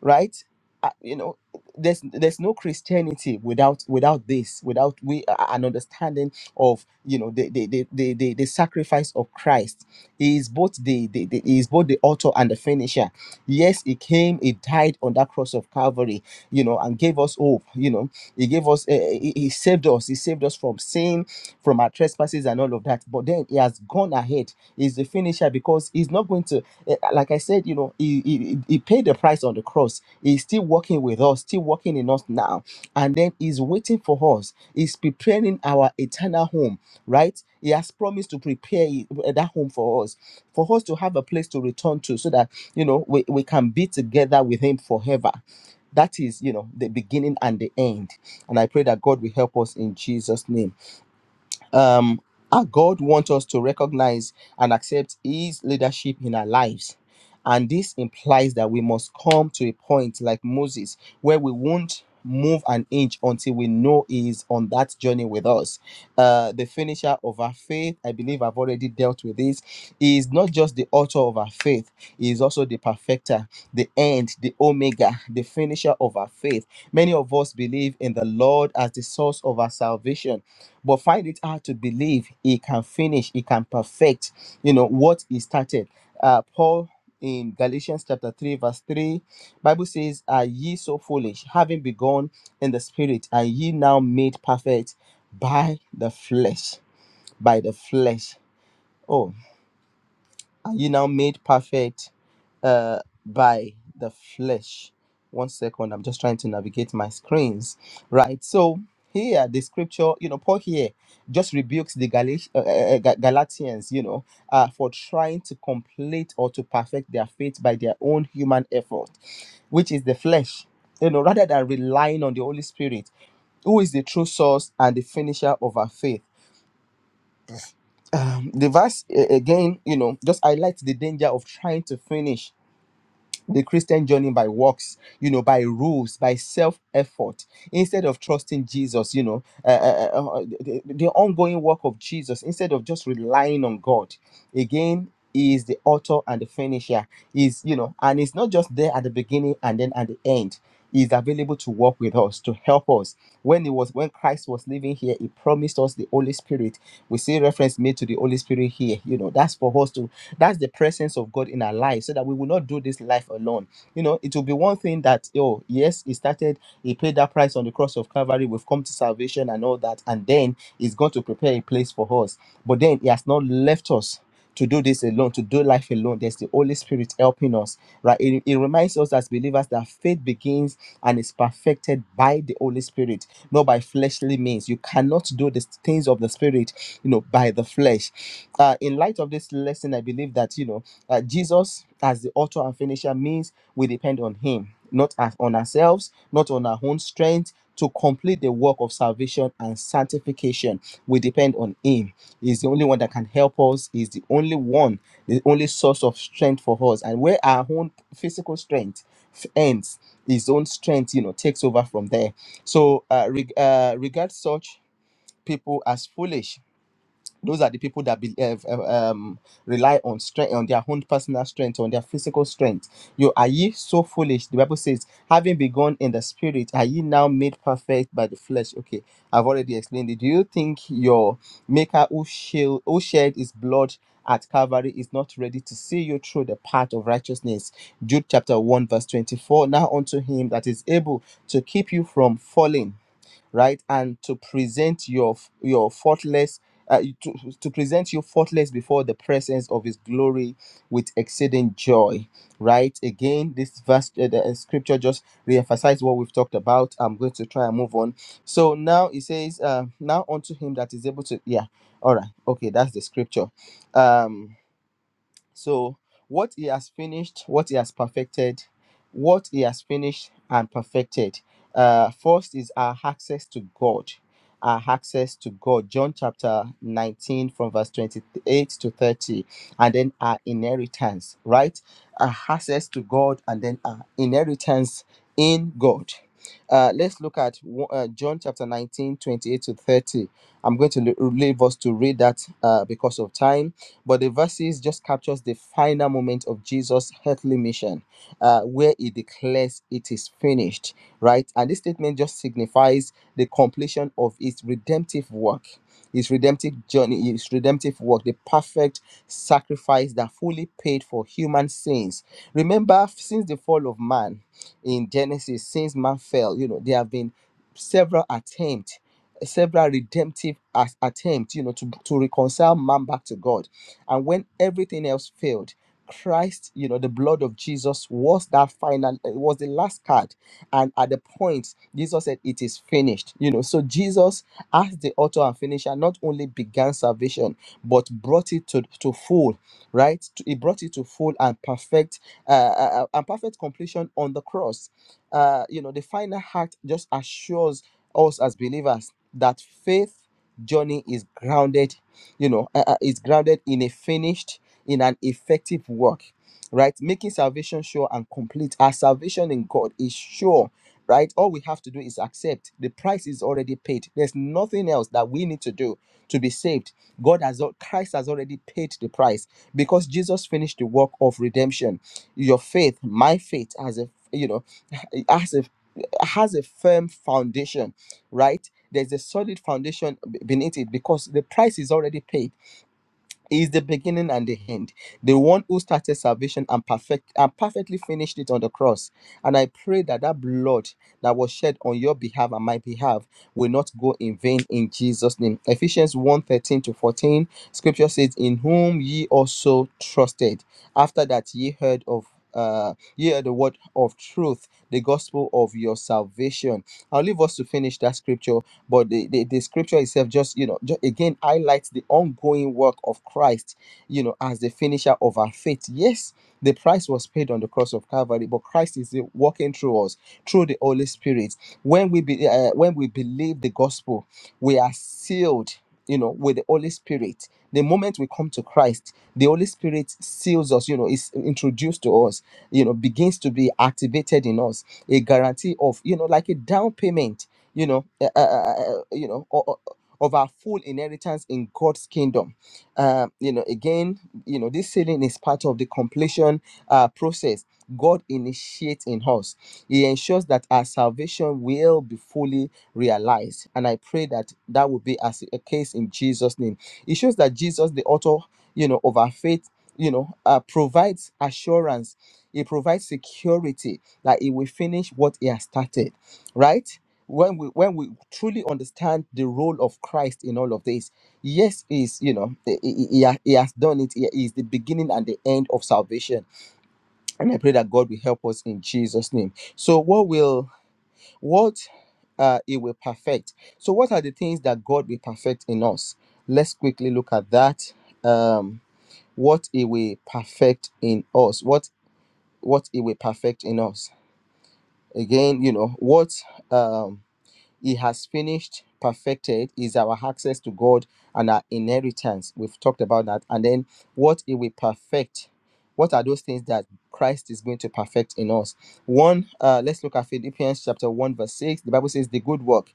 right Uh, you know there's there's no christianity without without this without we uh, an understanding of you know the the, the the the the sacrifice of christ he is both the, the, the he is both the author and the finisher yes he came he died on that cross of calvary you know and gave gave us hope. You know, He gave us, eh, eh, He He saved us. He saved us from sin, from our trespasses, and all of that. But then He has gone ahead. He's the finisher because He's not going to, eh, like I said, you know, He He, he paid the price on the cross. He's still working with us, still working in us now, and then He's waiting for us. He's preparing our eternal home. Right? He has promised to prepare it- eh, that home for us, for us to have a place to return to, so that you know we, we can be together with him forever that is, you know, the beginning and the end. And I pray that God will help us in Jesus' name um, our God wants us to recognize and accept His leadership in our lives. And this implies that we must come to a point like Moses where we won't move an inch until we know He is on that journey with us. Uh, the finisher of our faith, I believe I've already dealt with this. He is not just the author of our faith, He is also the perfecter, the end, the omega, the finisher of our faith. Many of us believe in the Lord as the source of our salvation but find it hard to believe he can finish, he can perfect, you know, what he started. Uh, Paul in Galatians chapter 3, verse 3, Bible says, Are ye so foolish, having begun in the spirit, are ye now made perfect by the flesh? By the flesh. oh. Are you now made perfect uh, by the flesh? One second, I'm just trying to navigate my screens. Right. So here, the scripture, you know, Paul here just rebukes the Galat- uh, uh, uh, Ga- Galatians, you know, uh, for trying to complete or to perfect their faith by their own human effort, which is the flesh, you know, rather than relying on the Holy Spirit, who is the true source and the finisher of our faith. Um, the verse uh, again, you know, just highlights the danger of trying to finish the Christian journey by works, you know, by rules, by self effort, instead of trusting Jesus, you know, uh, uh, uh, uh, uh, the, the ongoing work of Jesus, instead of just relying on God. Again, He is the author and the finisher. Is you know, and it's not just there at the beginning and then at the end. He Is available to work with us to help us. When it was when Christ was living here, He promised us the Holy Spirit. We see reference made to the Holy Spirit here. You know, that's for us to that's the presence of God in our lives so that we will not do this life alone. You know, it will be one thing that, oh, yes, it started. He paid that price on the cross of Calvary. We've come to salvation and all that. And then He's going to prepare a place for us. But then He has not left us to do this alone, to do life alone. There's the Holy Spirit helping us, right? It, it reminds us as believers that faith begins and is perfected by the Holy Spirit, not by fleshly means. You cannot do the things of the Spirit, you know, by the flesh. Uh, in light of this lesson, I believe that, you know, uh, Jesus, as the author and finisher, means we depend on Him not as- on ourselves, not on our own strength. To complete the work of salvation and sanctification, we depend on Him. He's the only one that can help us. He's the only one, the only source of strength for us. And where our own physical strength f- ends, His own strength, you know, takes over from there. So, uh, reg- uh, regard such people as foolish those are the people that be, uh, uh, um, rely on strength, on their own personal strength, on their physical strength. You are ye so foolish? The Bible says, having begun in the spirit, are ye now made perfect by the flesh? Okay, I've already explained it. Do you think your maker who, shield, who shed his blood at Calvary is not ready to see you through the path of righteousness? Jude chapter 1, verse 24. Now unto him that is able to keep you from falling right and to present your your faultless uh, to, to present you faultless before the presence of his glory with exceeding joy right again this verse uh, the uh, scripture just reemphasize what we've talked about i'm going to try and move on so now it says uh now unto him that is able to yeah all right okay that's the scripture um so, what he has finished, what he has perfected, what he has finished and perfected. Uh, first is our access to God. Our access to God. John chapter 19, from verse 28 to 30. And then our inheritance, right? Our access to God and then our inheritance in God. Uh, let's look at wo- uh, John chapter 19, 28 to 30. I'm going to le- leave us to read that uh, because of time but the verses just captures the final moment of jesus earthly mission uh, where he declares it is finished right and this statement just signifies the completion of his redemptive work his redemptive journey his redemptive work the perfect sacrifice that fully paid for human sins remember since the fall of man in genesis since man fell you know there have been several attempts several redemptive as attempt you know to, to reconcile man back to god and when everything else failed, Christ, you know, the blood of Jesus was that final, it was the last card. And at the point, Jesus said, It is finished. You know, so Jesus, as the author and finisher, not only began salvation, but brought it to, to full, right? He brought it to full and perfect uh, uh, uh, and perfect completion on the cross. Uh, you know, the final act just assures us as believers that faith journey is grounded you know uh, uh, is grounded in a finished in an effective work right making salvation sure and complete our salvation in god is sure right all we have to do is accept the price is already paid there's nothing else that we need to do to be saved god has al- christ has already paid the price because jesus finished the work of redemption your faith my faith has a you know has a has a firm foundation right there's a solid foundation b- beneath it because the price is already paid. He Is the beginning and the end. The one who started salvation and perfect and perfectly finished it on the cross. And I pray that that blood that was shed on your behalf and my behalf will not go in vain in Jesus' name. Ephesians one thirteen to 14, scripture says, In whom ye also trusted, after that ye heard of uh ye heard the word of truth, the gospel of your salvation. I'll leave us to finish that scripture but the, the, the scripture itself just you know ju- again highlights the ongoing work of christ you know as the finisher of our faith yes the price was paid on the cross of calvary but christ is the- working through us through the holy spirit when we be, uh, when we believe the gospel we are sealed you know with the holy spirit the moment we come to christ the holy spirit seals us you know is introduced to us you know begins to be activated in us a guarantee of you know like a down payment you know, uh, uh, uh, you know, o- o- of our full inheritance in God's kingdom. Uh, you know, again, you know, this sealing is part of the completion uh, process God initiates in us. He ensures that our salvation will be fully realized, and I pray that that will be as a case in Jesus' name. It shows that Jesus, the author, you know, of our faith, you know, uh, provides assurance. He provides security that he will finish what he has started, right? when we when we truly understand the role of Christ in all of this, yes, is you know he, he, he ha- he has done it. He is the beginning and the end of salvation, and I pray that God will help us in Jesus' name. So, what will what uh, it will perfect? So, what are the things that God will perfect in us? Let's quickly look at that. Um, what it will perfect in us? What what it will perfect in us? Again, you know what. Um, He has finished, perfected is our access to God and our inheritance. We've talked about that. And then what He will perfect. What are those things that Christ is going to perfect in us? One, uh, let's look at Philippians chapter 1, verse 6. The Bible says, The good work,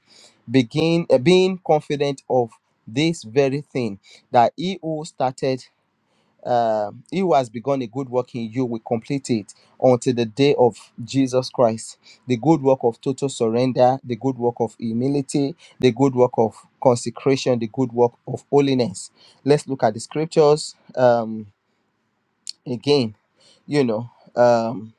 begin uh, being confident of this very thing, that he who started uh, he who has begun a good work in you will complete it until the day of Jesus Christ. The good work of total surrender, the good work of humility, the good work of consecration, the good work of holiness. Let's look at the scriptures um, again you know um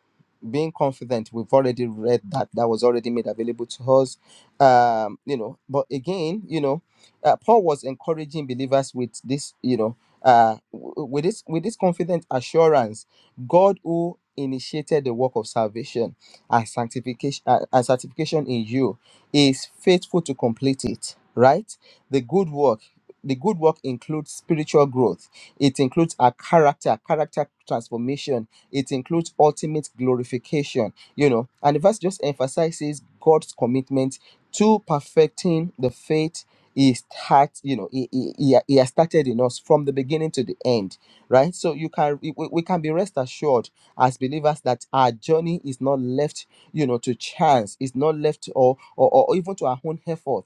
being confident we've already read that that was already made available to us um you know but again you know uh, paul was encouraging believers with this you know uh w- w- with this with this confident assurance god who initiated the work of salvation and sanctification uh, and sanctification in you is faithful to complete it right the good work the good work includes spiritual growth it includes our character character transformation it includes ultimate glorification, you know. And the verse just emphasizes God's commitment to perfecting the faith he start you know he, he, he he has started in us from the beginning to the end right so you can we, we we can be rest assured as believers that our journey is not left you know to chance it's not left or or, or even to our own effort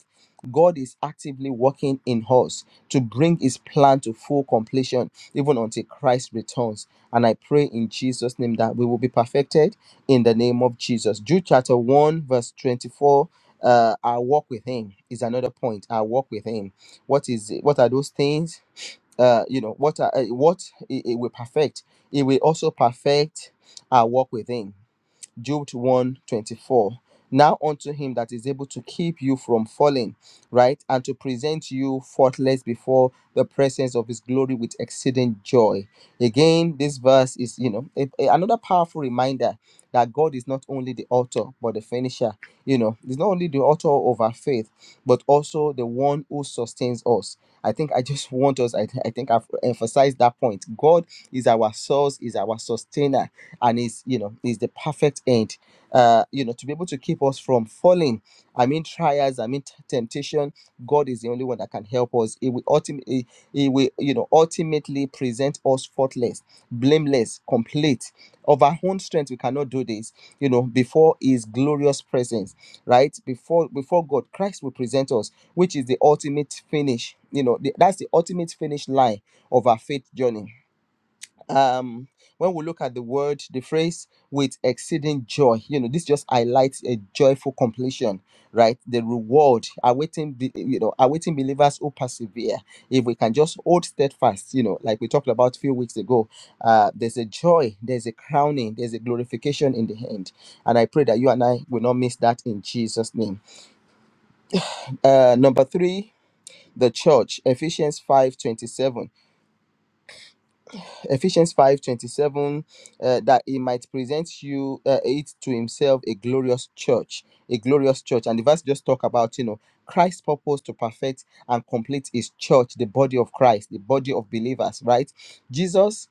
God is actively working in us to bring his plan to full completion, even until Christ returns. And I pray in Jesus' name that we will be perfected in the name of Jesus. Jude chapter 1, verse 24. Uh, our walk with him is another point. Our walk with him. What is it? What are those things? Uh, you know, what are uh, what it, it will perfect? It will also perfect our walk with him. Job one 24 Now unto him that is able to keep you from falling, right, and to present you faultless before the presence of his glory with exceeding joy. Again, this verse is, you know, a- a- another powerful reminder that God is not only the author, but the finisher. You know, he's not only the author of our faith, but also the one who sustains us. I think I just want us, I, th- I think I've emphasized that point. God is our source, is our sustainer and is you know is the perfect end uh you know to be able to keep us from falling i mean trials i mean t- temptation god is the only one that can help us He will ultimately He will you know ultimately present us faultless blameless complete of our own strength we cannot do this you know before his glorious presence right before before god christ will present us which is the ultimate finish you know the, that's the ultimate finish line of our faith journey um when we look at the word the phrase with exceeding joy you know this just highlights a joyful completion right the reward awaiting be- you know awaiting believers who persevere if we can just hold steadfast you know like we talked about a few weeks ago uh there's a joy there's a crowning there's a glorification in the end and i pray that you and i will not miss that in jesus name uh number three the church ephesians five twenty seven. Ephesians 5 27 uh, that he might present you uh, it to himself a glorious church, a glorious church. And the verse just talk about, you know, Christ's purpose to perfect and complete his church, the body of Christ, the body of believers, right? Jesus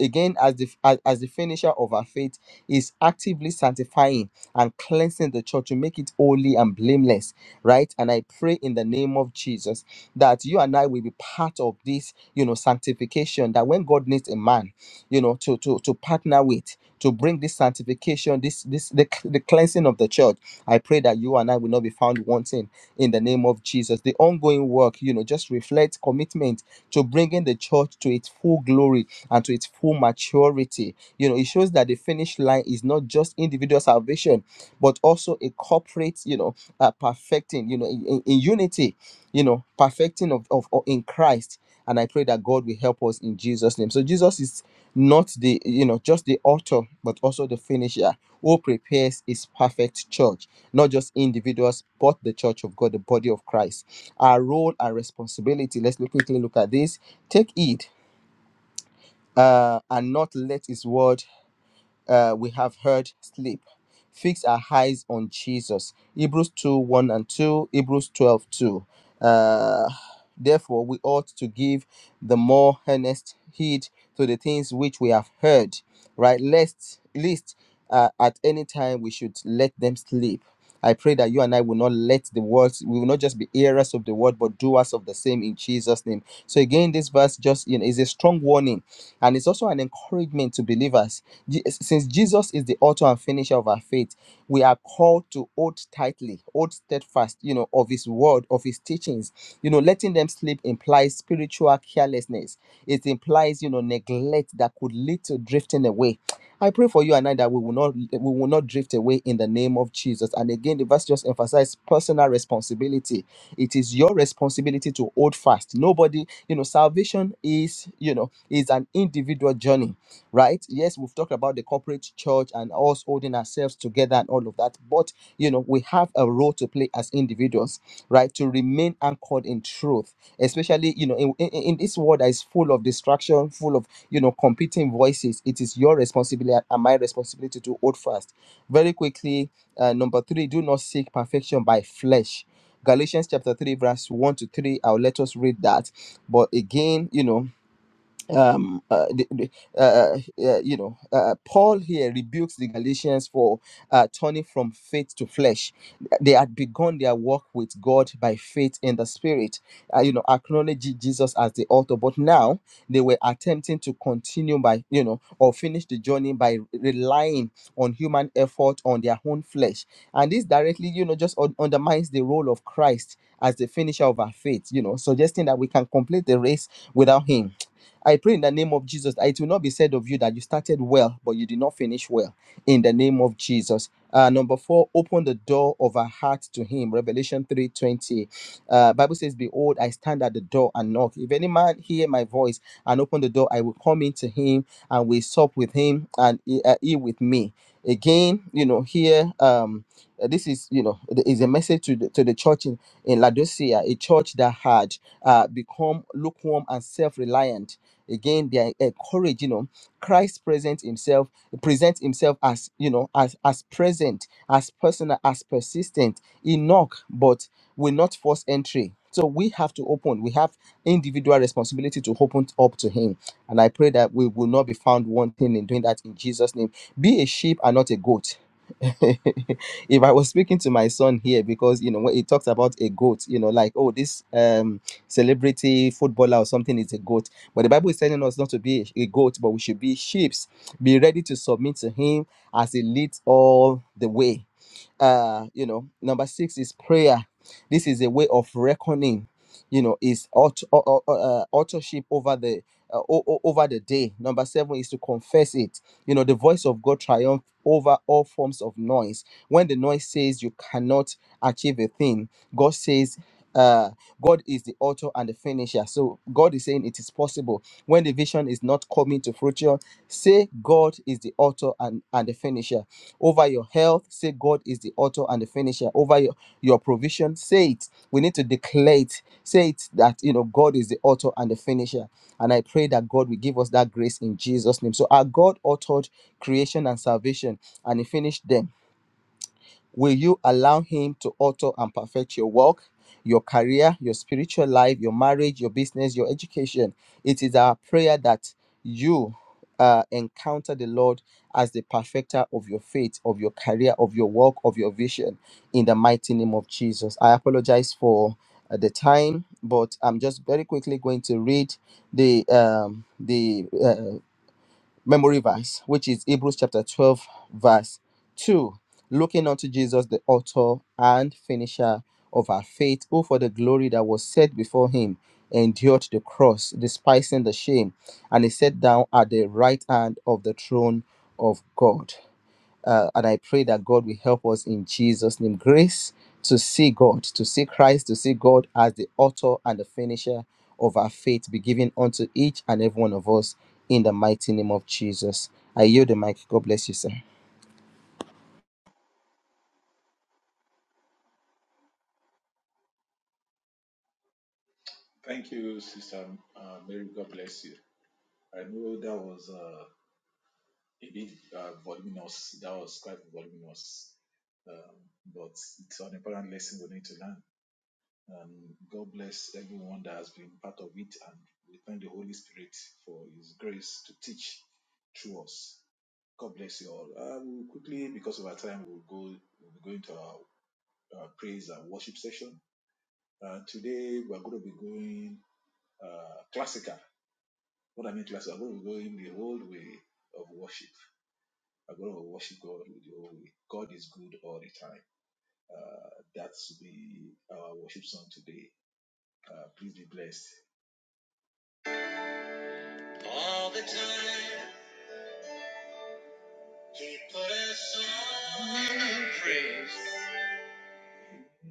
again as the as, as the finisher of our faith is actively sanctifying and cleansing the church to make it holy and blameless right and i pray in the name of jesus that you and i will be part of this you know sanctification that when god needs a man you know to to to partner with to bring this sanctification this this the, the cleansing of the church i pray that you and i will not be found wanting in the name of jesus the ongoing work you know just reflects commitment to bringing the church to its full glory and to its full maturity. You know, it shows that the finish line is not just individual salvation, but also a corporate, you know, uh, perfecting, you know, in, in- in unity, you know, perfecting of, of of- in Christ. And I pray that God will help us in Jesus' name. So Jesus is not the, you know, just the author, but also the finisher who prepares his perfect church, not just individuals, but the church of God, the body of Christ. Our role and responsibility. Let's look- quickly look at this. Take heed uh, and not let his word uh, we have heard sleep. Fix our eyes on Jesus. Hebrews 2 1 and 2, Hebrews 12:2. Uh, therefore, we ought to give the more earnest heed to the things which we have heard, right? Lest, least uh, at any time we should let them sleep. I pray that you and I will not let the words, we will not just be hearers of the word, but doers of the same in Jesus' name. So again, this verse just you know is a strong warning, and it's also an encouragement to believers. Je- Since Jesus is the author and finisher of our faith, we are called to hold tightly, hold steadfast, you know, of His word, of His teachings. You know, letting them slip implies spiritual carelessness. It implies, you know, neglect that could lead to drifting away. I pray for you and I that we will not we will not drift away in the name of Jesus. And again, the verse just emphasizes personal responsibility. It is your responsibility to hold fast. Nobody, you know, salvation is, you know, is an individual journey, right? Yes, we've talked about the corporate church and us holding ourselves together and all of that. But you know, we have a role to play as individuals, right? To remain anchored in truth, especially, you know, in, in, in this world that is full of distraction, full of you know competing voices it is your responsibility and my responsibility to hold fast very quickly uh, number three do not seek perfection by flesh galatians chapter 3 verse 1 to 3 i'll let us read that but again you know um, uh, the, the, uh, uh, you know, uh, Paul here rebukes the Galatians for uh, turning from faith to flesh. They had begun their walk with God by faith in the Spirit, uh, you know, acknowledging Jesus as the author. But now they were attempting to continue by, you know, or finish the journey by relying on human effort on their own flesh. And this directly, you know, just un- undermines the role of Christ as the finisher of our faith, you know, suggesting that we can complete the race without Him I pray in the name of Jesus that it will not be said of you that you started well, but you did not finish well. In the name of Jesus. Uh, number four, open the door of our heart to Him. Revelation three twenty. Uh, Bible says, "Behold, I stand at the door and knock. If any man hear my voice and open the door, I will come into him and we sup with him and he, uh, he with me." Again, you know, here um, uh, this is you know th- is a message to the, to the church in in Laodicea, a church that had uh, become lukewarm and self reliant Again, they are encouraged, you know, Christ presents himself, presents himself as, you know, as, as present, as personal, as persistent. He knock, but will not force entry. So we have to open. We have individual responsibility to open up to him. And I pray that we will not be found wanting in doing that in Jesus' name. Be a sheep and not a goat. if I was speaking to my son here, because you know when he talks about a goat, you know, like oh this um celebrity footballer or something is a goat. But the Bible is telling us not to be a goat, but we should be sheep. Be ready to submit to Him as He leads all the way uh you know number six is prayer this is a way of reckoning you know is aut- au- au- uh, authorship over the uh, o- o- over the day number seven is to confess it you know the voice of god triumph over all forms of noise when the noise says you cannot achieve a thing god says uh god is the author and the finisher so god is saying it is possible when the vision is not coming to fruition say god is the author and and the finisher over your health. Say, God is the author and the finisher. Over your, your provision, say it. We need to declare it. Say it that, you know, God is the author and the finisher. And I pray that God will give us that grace in Jesus' name. So, our God authored creation and salvation, and He finished them Will you allow Him to author and perfect your work, your career, your spiritual life, your marriage, your business, your education? It is our prayer that you uh, encounter the Lord as the perfecter of your faith, of your career, of your work, of your vision in the mighty name of Jesus. I apologize for uh, the time, but I'm just very quickly going to read the um, the uh, memory verse, which is Hebrews chapter 12, verse 2. Looking unto Jesus, the author and finisher of our faith, who for the glory that was set before him endured the cross, despising the shame, and is sat down at the right hand of the throne of God. Uh, and I pray that God will help us in Jesus' name. Grace to see God, to see Christ, to see God as the author and the finisher of our faith be given unto each and every one of us in the mighty name of Jesus. I yield the mic. God bless you, sir.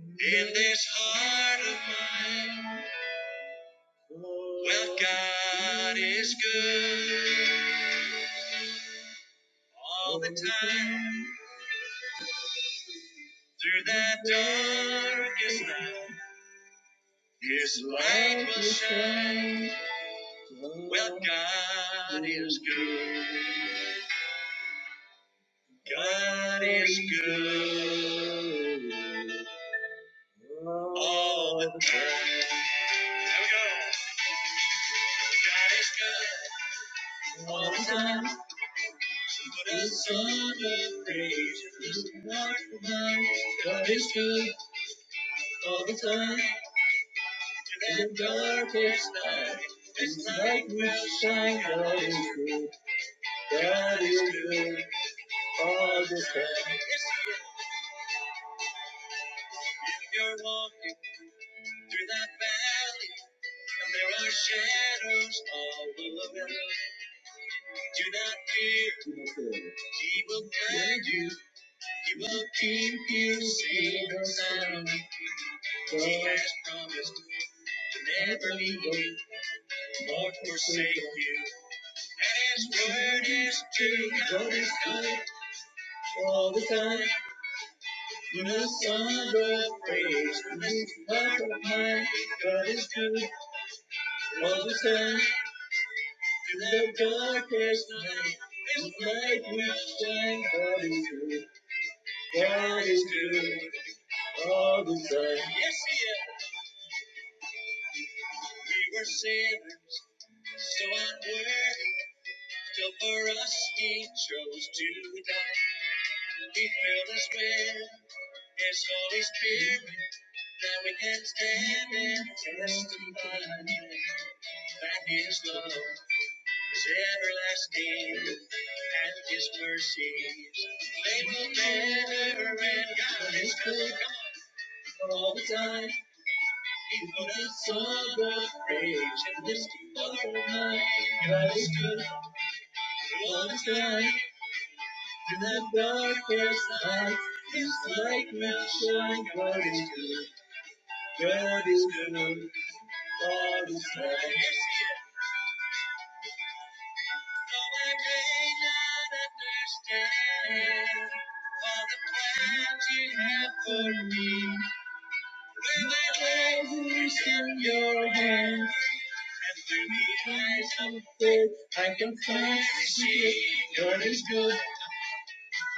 In this heart, God is good all time. Through that darkest night, His light will shine. Well, God is good. God is good. Oh, God is good. All the time. But it's on your praise. It's not for mine. God is good. All the time. In the darkest night. This light will shine. God is good. God is good. All the time. You're walking through that valley. And there are shadows all around. Do not fear. He will guide you. He will keep you safe from sorrow. He has promised to never leave you, nor forsake you. And his word is true. God is good all the time. You must song of praise to this life of mine. God is good all the time. In the darkest night, his light will shine. God is good. God is good all the time. Yes, he is. We were sinners. So unworthy, still for us he chose to die. He filled us with his Holy Spirit. Now we can stand and testify that his love is everlasting and his mercy. They will never end. God is good all the time. He put a song of rage in this world. God is good all the time. In the darkest night, His light will shine. God is good, God is good, God is good. Though I may not understand all the plans you have for me, when I raise in your hands, through the eyes of faith, I can finally see God is good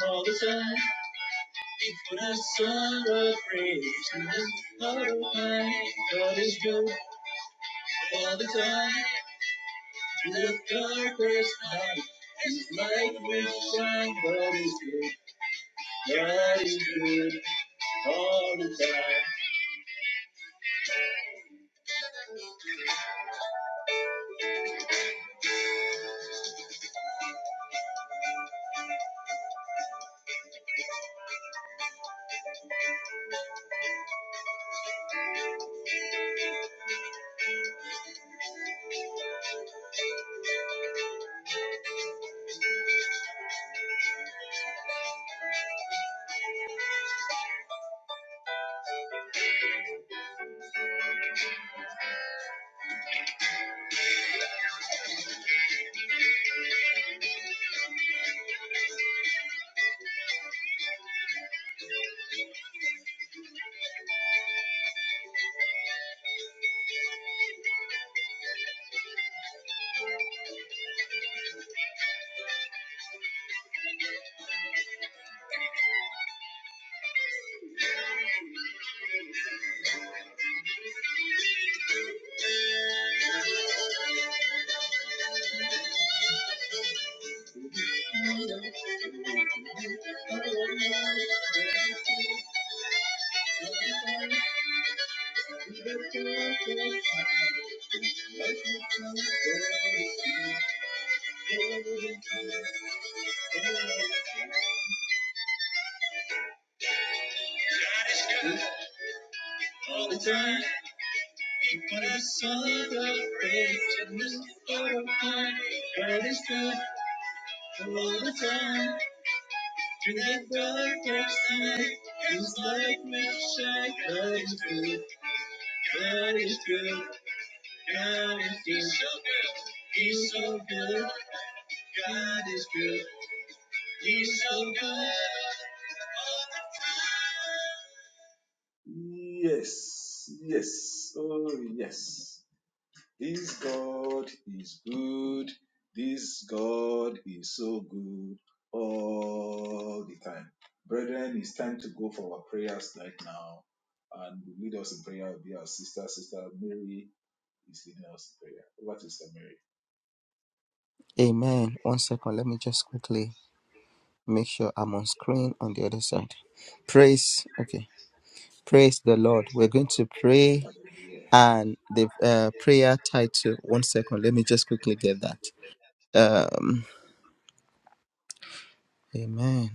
all the time. When I saw a praise and heart of mine, God is good all the time. Through the darkest night, His light will shine. God is good, God is good all the time. Oh, through the darkest night, God is good all the time. When I saw the praise and heart of mine, God is good all the time. Through the darkest night, His light will shine. God is good, God is good, God is good. He's so good, He's so good, God is good, He's so good all the time.
Amen. One second. Let me just quickly make sure I'm on screen on the other side. Praise. Okay. Praise the Lord. We're going to pray and the uh, prayer title. One second. Let me just quickly get that. Um. Amen.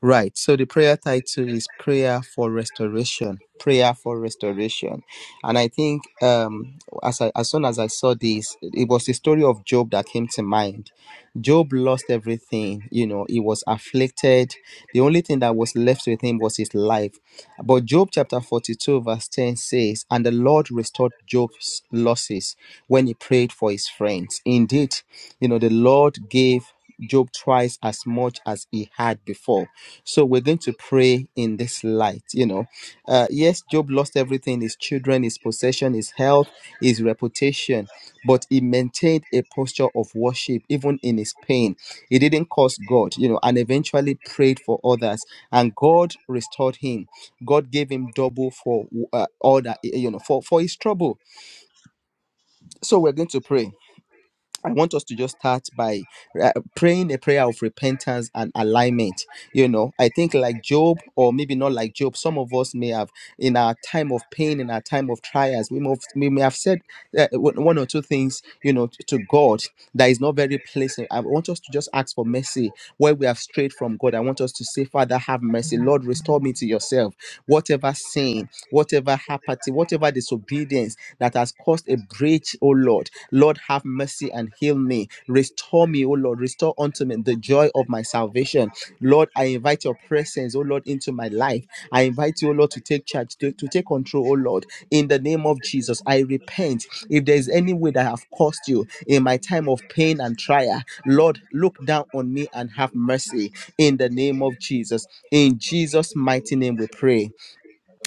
Right. So the prayer title is Prayer for Restoration. Prayer for restoration. And I think um as I, as soon as I saw this, it was the story of Job that came to mind. Job lost everything, you know, he was afflicted. The only thing that was left with him was his life. But Job chapter 42, verse 10 says, And the Lord restored Job's losses when he prayed for his friends. Indeed, you know, the Lord gave Job twice as much as he had before so we're going to pray in this light. You know, uh, yes, Job lost everything his children, his possession, his health, his reputation, but he maintained a posture of worship even in his pain. He didn't curse God, you know, and eventually prayed for others, and God restored him. God gave him double for uh, all that, you know, for, for his trouble. So we're going to pray. I want us to just start by uh, praying a prayer of repentance and alignment. You know, I think like Job, or maybe not like Job, some of us may have, in our time of pain, in our time of trials, we, must, we may have said uh, one one or two things, you know, to, to God that is not very pleasant. I want us to just ask for mercy where we have strayed from God. I want us to say, Father, have mercy. Lord, restore me to yourself. Whatever sin, whatever apathy, whatever disobedience that has caused a breach, oh Lord, Lord, have mercy and heal me. Restore me, oh Lord. Restore unto me the joy of my salvation. Lord, I invite your presence, oh Lord, into my life. I invite you, oh Lord, to take charge, to, to take control, oh Lord. In the name of Jesus, I repent. If there is any way that I have caused you in my time of pain and trial, Lord, look down on me and have mercy. In the name of Jesus. In Jesus' mighty name we pray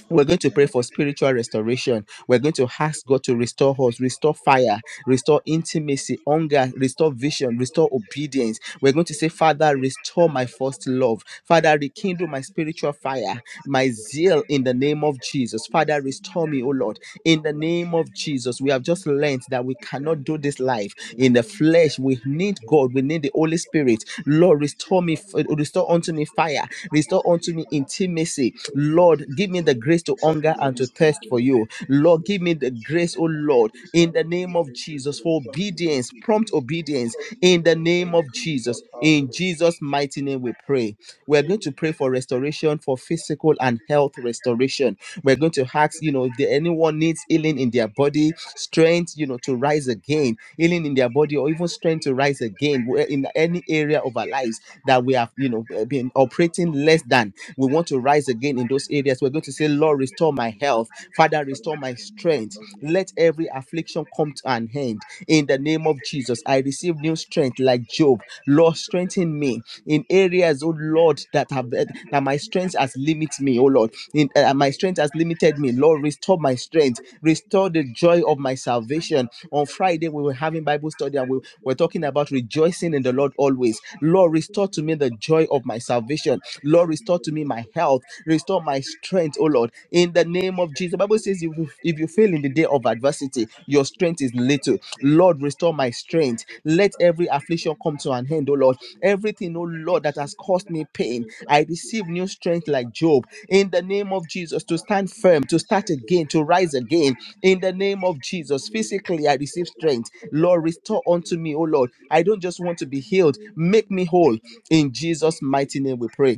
we're going to pray for spiritual restoration. We're going to ask God to restore us, restore fire, restore intimacy, hunger, restore vision, restore obedience. We're going to say, Father, restore my first love. Father, rekindle my spiritual fire, my zeal in the name of Jesus. Father, restore me, O Lord, in the name of Jesus. We have just learned that we cannot do this life in the flesh. We need God. We need the Holy Spirit. Lord, restore me, restore unto me fire, restore unto me intimacy Lord, give me the grace to hunger and to thirst for you. Lord, give me the grace, oh Lord, in the name of Jesus, for obedience, prompt obedience, in the name of Jesus. In Jesus' mighty name, we pray. We're going to pray for restoration, for physical and health restoration. We're going to ask, you know, if there anyone needs healing in their body, strength, you know, to rise again, healing in their body, or even strength to rise again where- in any area of our lives that we have, you know, been operating less than we want to rise again in those areas. We're going to say, Lord, restore my health. Father, restore my strength. Let every affliction come to an end. In the name of Jesus, I receive new strength like Job. Lord, strengthen me in areas, oh Lord, that have that my strength has limited me, oh Lord. In, uh, my strength has limited me. Lord, restore my strength. Restore the joy of my salvation. On Friday, we were having Bible study and we were talking about rejoicing in the Lord always. Lord, restore to me the joy of my salvation Lord, restore to me my health, restore my strength, oh Lord, in the name of Jesus. The Bible says, if, if if you fail in the day of adversity, your strength is little. Lord, restore my strength. Let every affliction come to an end, oh Lord. Everything, oh Lord, that has caused me pain, I receive new strength like Job in the name of Jesus to stand firm, to start again, to rise again in the name of Jesus. Physically, I receive strength. Lord, restore unto me, oh Lord. I don't just want to be healed, make me whole. In Jesus' mighty name, we pray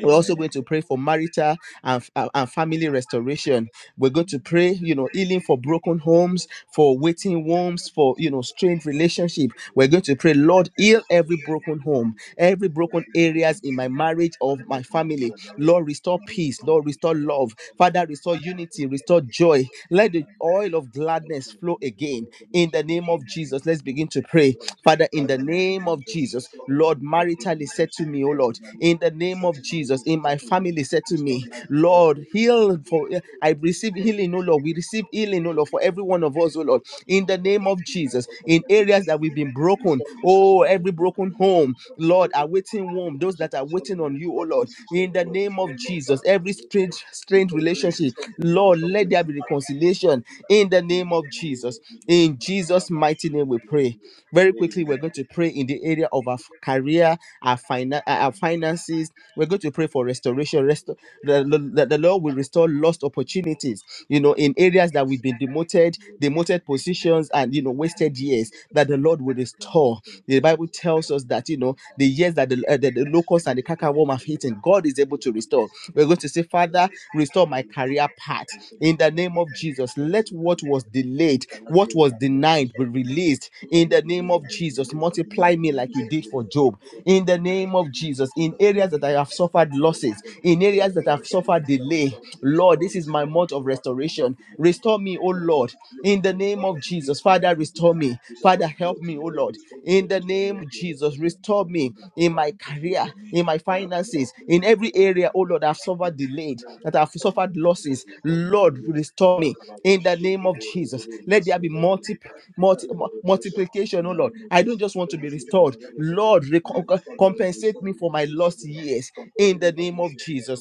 we're also going to pray for marital and, and and family restoration we're going to pray you know healing for broken homes for waiting wombs for you know strained relationship we're going to pray lord heal every broken home every broken areas in my marriage or my family lord restore peace lord restore love father restore unity restore joy let the oil of gladness flow again in the name of jesus let's begin to pray Father, in the name of Jesus, Lord, maritally said to me, oh Lord, in the name of Jesus, in my family said to me, Lord, heal for I receive healing, oh Lord. We receive healing, oh Lord, for every one of us, oh Lord, in the name of Jesus, in areas that we've been broken, oh, every broken home, Lord, awaiting womb, those that are waiting on you, oh Lord, in the name of Jesus, every strange, strange relationship, Lord, let there be reconciliation in the name of Jesus. In Jesus' mighty name we pray. Very quickly, we're going to pray in the area of our career, our, finan- uh, our finances. We're going to pray for restoration. Resto- the, the, the Lord will restore lost opportunities, you know, in areas that we've been demoted, demoted positions, and, you know, wasted years that the Lord will restore. The Bible tells us that, you know, the years that the, uh, the, the locusts and the cankerworm have eaten, God is able to restore. We're going to say, Father, restore my career path in the name of Jesus. Let what was delayed, what was denied, be released in the name of Jesus. Multiply me like you did for Job in the name of Jesus. In areas that I have suffered losses, in areas that I've suffered delay, Lord, this is my month of restoration. Restore me, oh Lord, in the name of Jesus. Father, Father, restore me. Father, help me, oh Lord. In the name of Jesus, restore me in my career, in my finances, in every area, oh Lord, I've suffered delayed, that I've suffered losses. Lord, restore me in the name of Jesus. Let there be multi, multi, mu- multiplication, oh Lord. I don't just want to be restored. Lord, recom- compensate me for my lost years in the name of Jesus.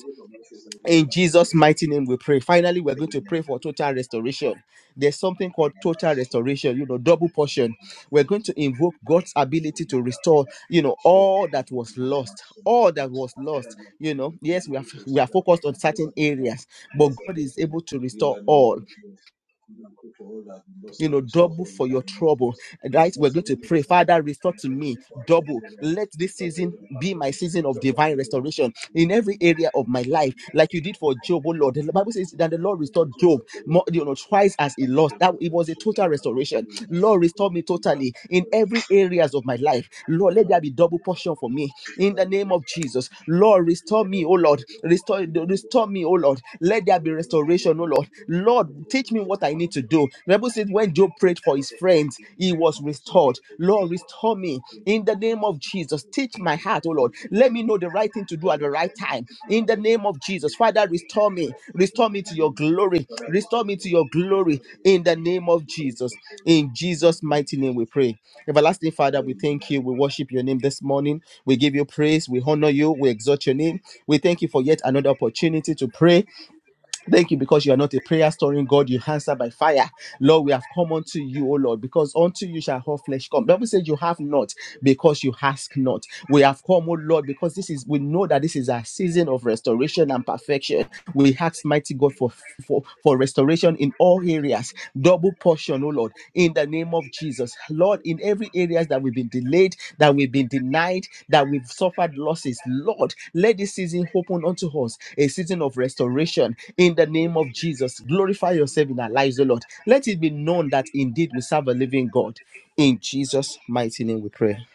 In Jesus' mighty name, we pray. Finally, we're going to pray for total restoration. There's something called total restoration, you know, double portion. We're going to invoke God's ability to restore, you know, all that was lost, all that was lost. You know, yes, we are we are focused on certain areas, but God is able to restore all you know, double for your trouble. Right? We're going to pray, Father, restore to me double. Let this season be my season of divine restoration in every area of my life, like you did for Job, oh Lord. The Bible says that the Lord restored Job more, you know, twice as he lost. That it was a total restoration. Lord, restore me totally in every areas of my life. Lord, let there be double portion for me in the name of Jesus. Lord, restore me, oh Lord. Restore, restore me, oh Lord. Let there be restoration, oh Lord. Lord, teach me what I need to do. The Bible says when Job prayed for his friends, he was restored. Lord, restore me in the name of Jesus. Teach my heart, oh Lord. Let me know the right thing to do at the right time. In the name of Jesus. Father, restore me. Restore me to your glory. Restore me to your glory in the name of Jesus. In Jesus' mighty name we pray. Everlasting Father, we thank you. We worship your name this morning. We give you praise. We honor you. We exalt your name. We thank you for yet another opportunity to pray. Thank you because you are not a prayer storing God. You answer by fire. Lord, we have come unto you, O Lord, because unto you shall all flesh come. Bible says you have not because you ask not. We have come, O Lord, because this is we know that this is a season of restoration and perfection. We ask mighty God for for, for restoration in all areas double portion, oh Lord, in the name of Jesus. Lord, in every areas that we've been delayed, that we've been denied, that we've suffered losses, Lord, let this season open unto us a season of restoration in the name of Jesus. Glorify yourself in our lives, oh Lord. Let it be known that indeed we serve a living God. In Jesus' mighty name we pray.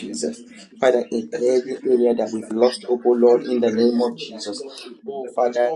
Jesus. Father, in every area that we've lost hope, oh Lord, in the name of Jesus. Oh, Father.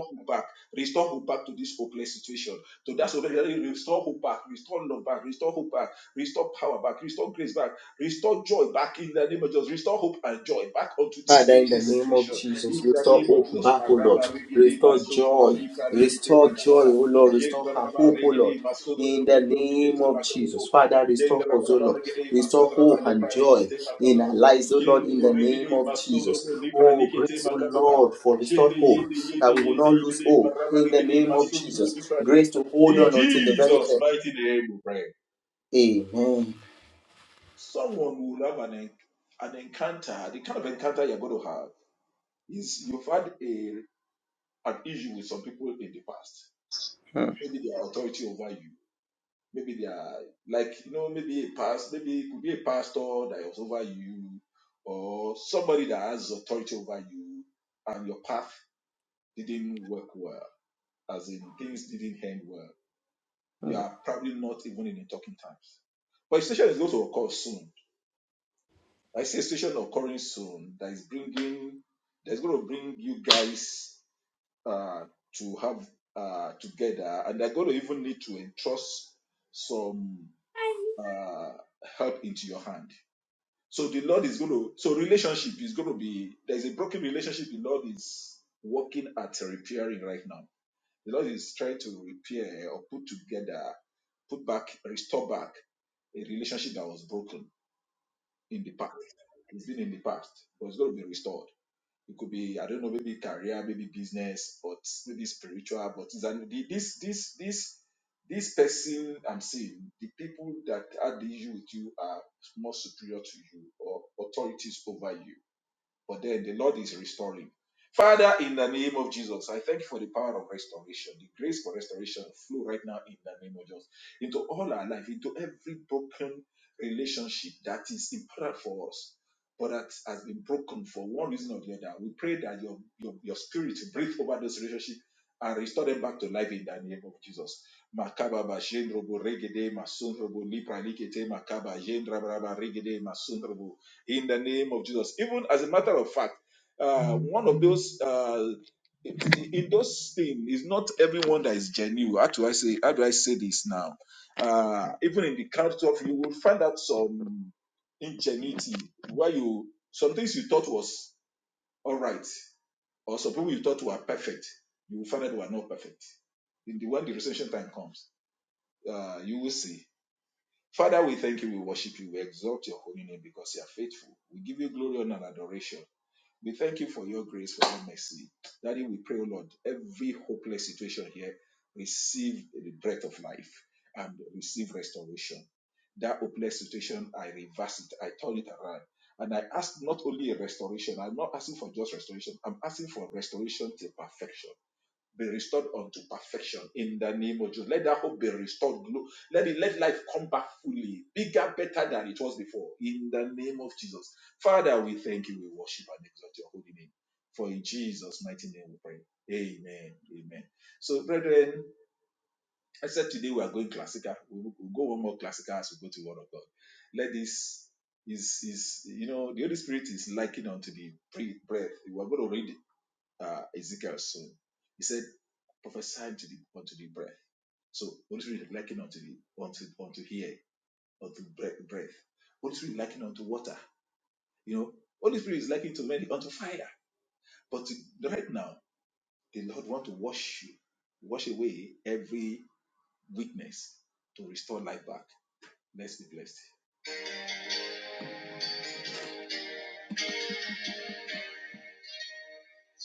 Father, in the name of Jesus, restore hope back, O Lord. Restore joy. Restore joy, O Lord. Restore her hope, O Lord. In the name of Jesus, Father, restore us, O Lord. Restore hope and joy in our lives, O Lord, in the name of Jesus. Oh, grace, O Lord, for restored hope, that we will not lose hope. In the name of Jesus, grace to hold on until the very end. Amen.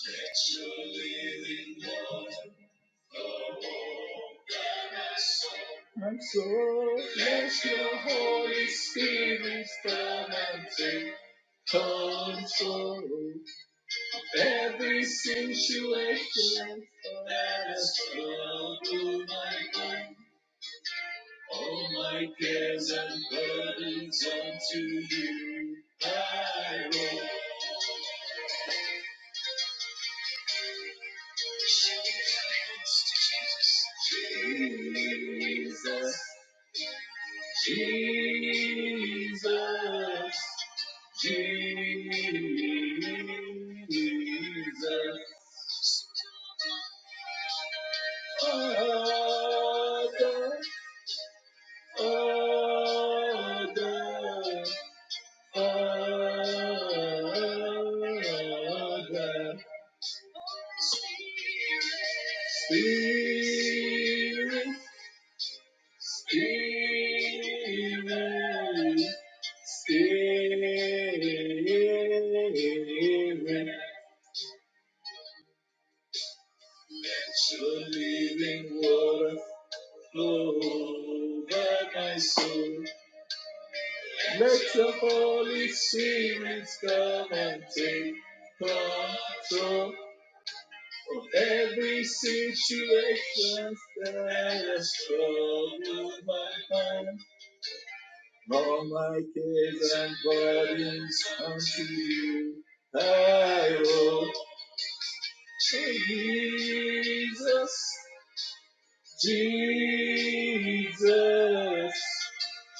Let your living water flow over my soul. My soul, let your Holy Spirit come and take control. Every situation that has come to my mind, all my cares and burdens unto you I roll. Jesus, Jesus, Jesus. Father, Father, Oh, the Spirit, spirit, spirit, let your living water flow over my soul. Let the Holy Spirit come and take control. Every situation stands strong in my hand. All my cares and burdens unto you I owe. Jesus, Jesus,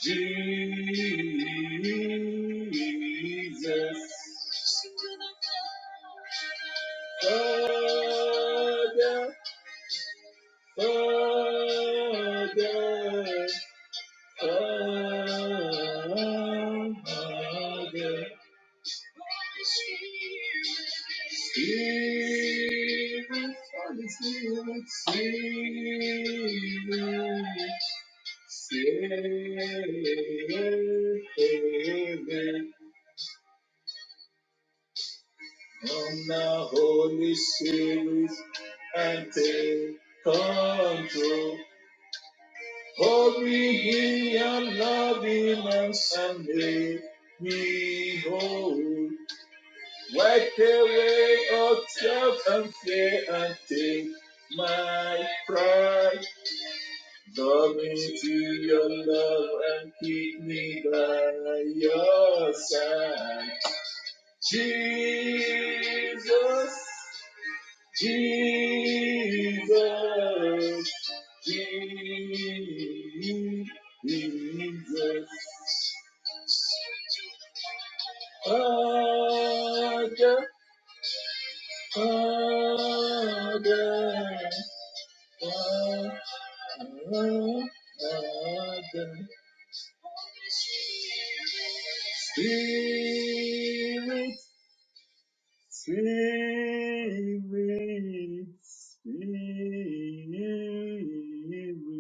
Jesus. Father, Father, Father. Spirit, Holy Spirit, Spirit, Spirit, come now, Holy Spirit, and take control. Glory and loveliness and may we hold. Wipe away all doubt and fear and take my pride. Draw me to your love and keep me by your side. Jesus, Jesus. Jesus. Father, Father, Father, Father, Spirit.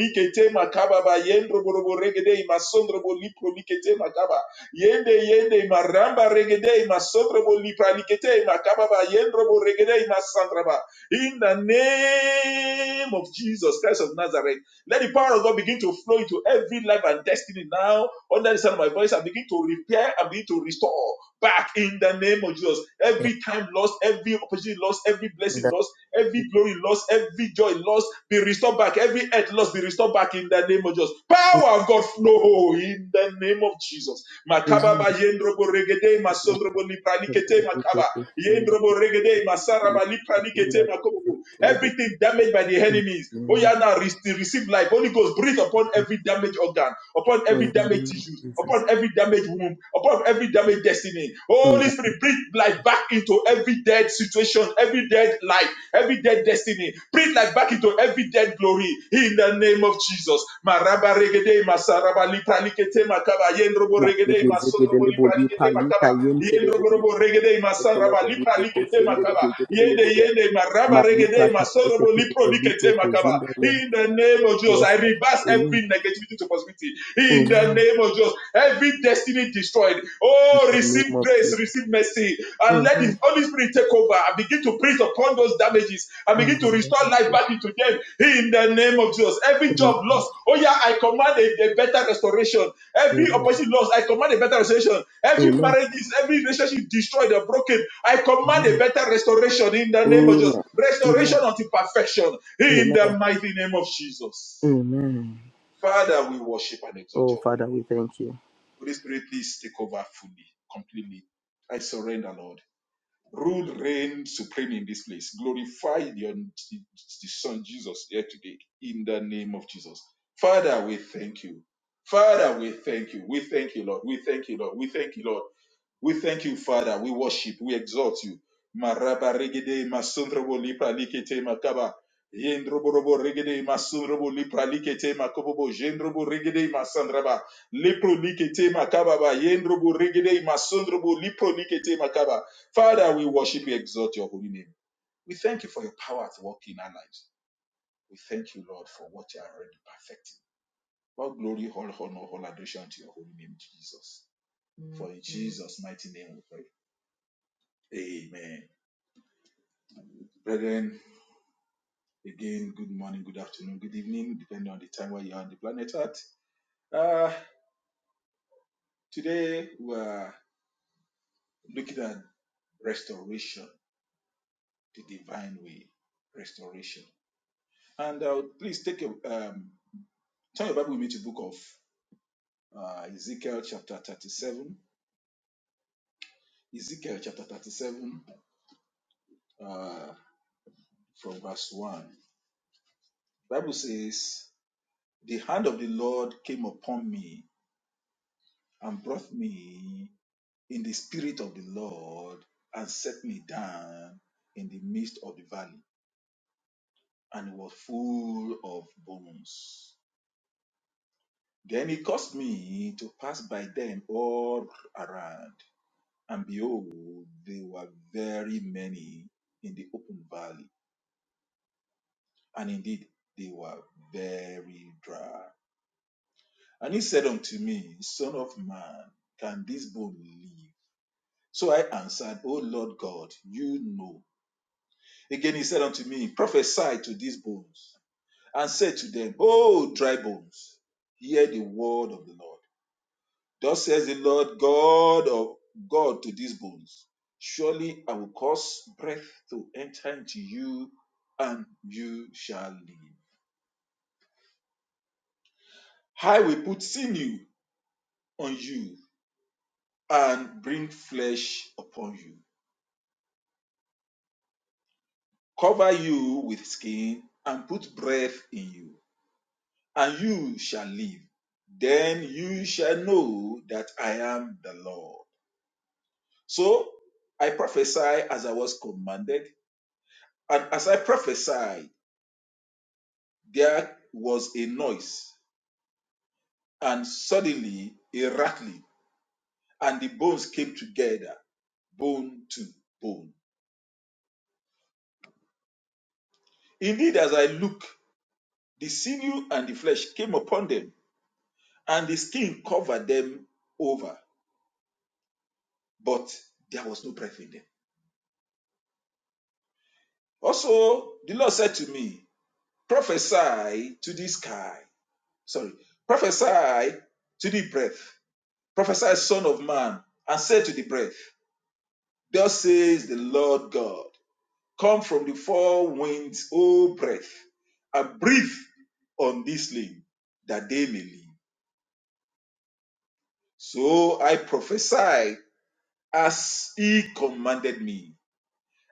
likete makaba ba yendro borobo regede masondro bo lipro makaba yende yende maramba regede masondro bo lipra makaba ba yendro bo regede masandra in the name of Jesus Christ of Nazareth let the power of God begin to flow into every life and destiny now. Under the sound of my voice, I begin to repair and begin to restore back in the name of Jesus. Every time lost, every opportunity lost, every blessing lost, every glory lost, every joy lost, be restored back. Every earth lost, be restored back in the name of Jesus. Power of God flow in the name of Jesus. Makaba ba
Hmm.
yendrobo regede, masondrobo lipranikete makaba. Yendrobo regede masaraba lipra likete
Jesus.
Everything damaged by the enemies. Oh, yeah, now receive life. Holy Ghost, breathe upon every damaged organ, upon every damaged tissue, upon every damaged womb, upon every damaged destiny. Holy Spirit, breathe life back into every dead situation, every dead life, every dead destiny. Breathe life back into every dead glory in the name of Jesus. Maraba regede, masaraba lipra makaba, yendrobo regede, masonrobo lipra
Magegezegedeleboli
makaba.
palika
Yendro borobo
yentelebolipa
regede masaraba lipra likete makaba. Yende
tekelebelibokoshendelegezegedelebulia.
yende maraba
Malipa
regede masorobo lipro likete makaba.
katekekelebelibokoshindalia.
In the name of Jesus, I
Yes, Lord.
reverse
amen.
every negativity to positivity. In the name of Jesus, every destiny destroyed.
Amen. In
Oh,
the name
receive
of
grace,
Jesus.
receive mercy, and let
Amen.
the Holy Spirit take over and begin to preach upon those damages and
In
begin
the
to restore life back into them. In the name of Jesus, every job
name.
lost. Oh yeah, I command a, a better restoration Every
Amen.
opportunity lost, I command a better restoration. Every
Amen.
marriage, is- every relationship destroyed or broken, I command a
Amen. Amen.
better restoration in the name of Jesus.
Amen.
Restoration unto perfection in
Amen.
the
Amen.
mighty name of Jesus.
Amen.
Father, we worship and exalt
Oh,
your holy
Father,
name.
we thank you.
Holy Spirit, please take over fully, completely. I surrender, Lord. Rule, reign supreme in this place. Glorify your, the Son Jesus here today in the name of Jesus. Father, we thank you. Father, we thank you. We thank you, Lord. We thank you, Lord. We thank you, Lord. We thank you, Father. We worship. We exalt you. Maraba regede masundrobo lipra likete makaba. Yendroborobo regede masundrobo lipra likete makobobo. God of God to these bones. Surely I will cause breath to enter into you, and you shall live. I will put sinew on you and bring flesh upon you, cover you with skin and put breath in you, and you shall live. Then you shall know that I am the Lord. So I prophesy as I was commanded, and as I prophesied, there was a noise And suddenly a rattling, and the bones came together, bone to bone. Indeed, as I looked, the sinew and the flesh came upon them, and the skin covered them over, but there was no breath in them. Also, the Lord said to me, Prophesy to the sky. Sorry, prophesy to the breath. Prophesy, son of man, and say to the breath, Thus says the Lord God. Come from the four winds, O breath, and breathe on this limb that they may live. So I prophesied as he commanded me,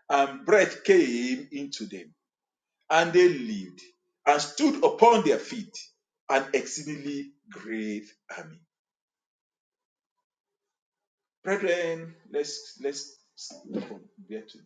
and breath came into them, and they lived, and stood upon their feet, an exceedingly great army. Brethren, let's let's stop from there to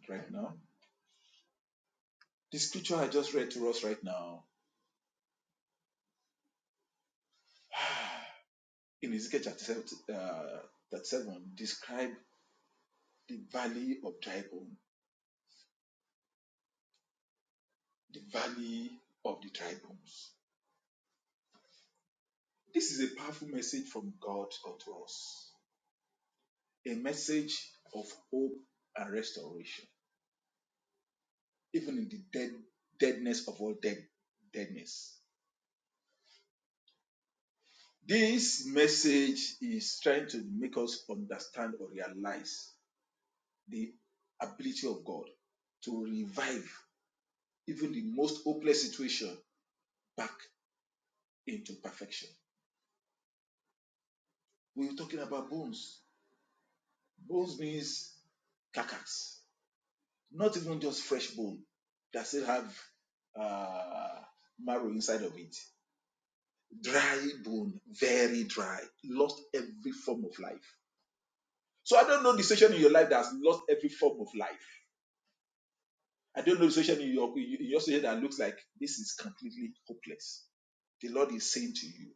to you.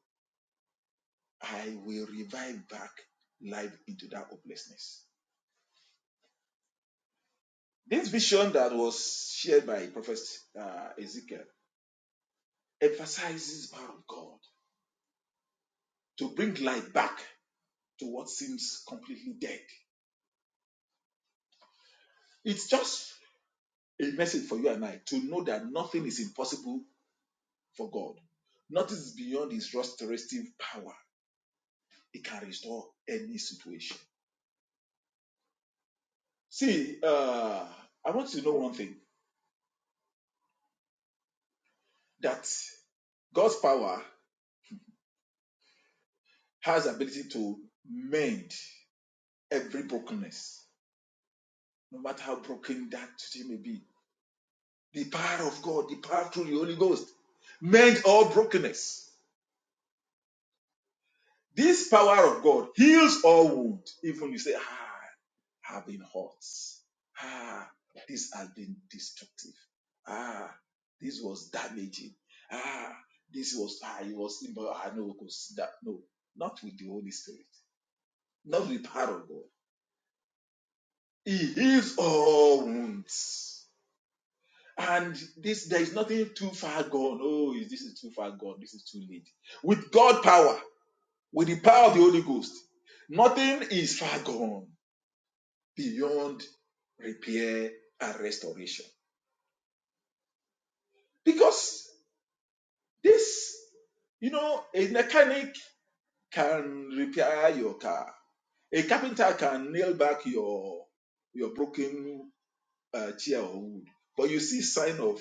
I will revive back life into that hopelessness. This vision that was shared by Prophet uh, Ezekiel emphasizes the power of God to bring light back to what seems completely dead. It's just a message for you and I to know that nothing is impossible. He heals all wounds. And this, there is nothing too far gone. Oh, this is too far gone. This is too late. With God's power, with the power of the Holy Ghost, nothing is far gone beyond repair and restoration. Because This, you know, a mechanic can repair your car. A carpenter can nail back your your broken uh, chair or wood. But you see sign of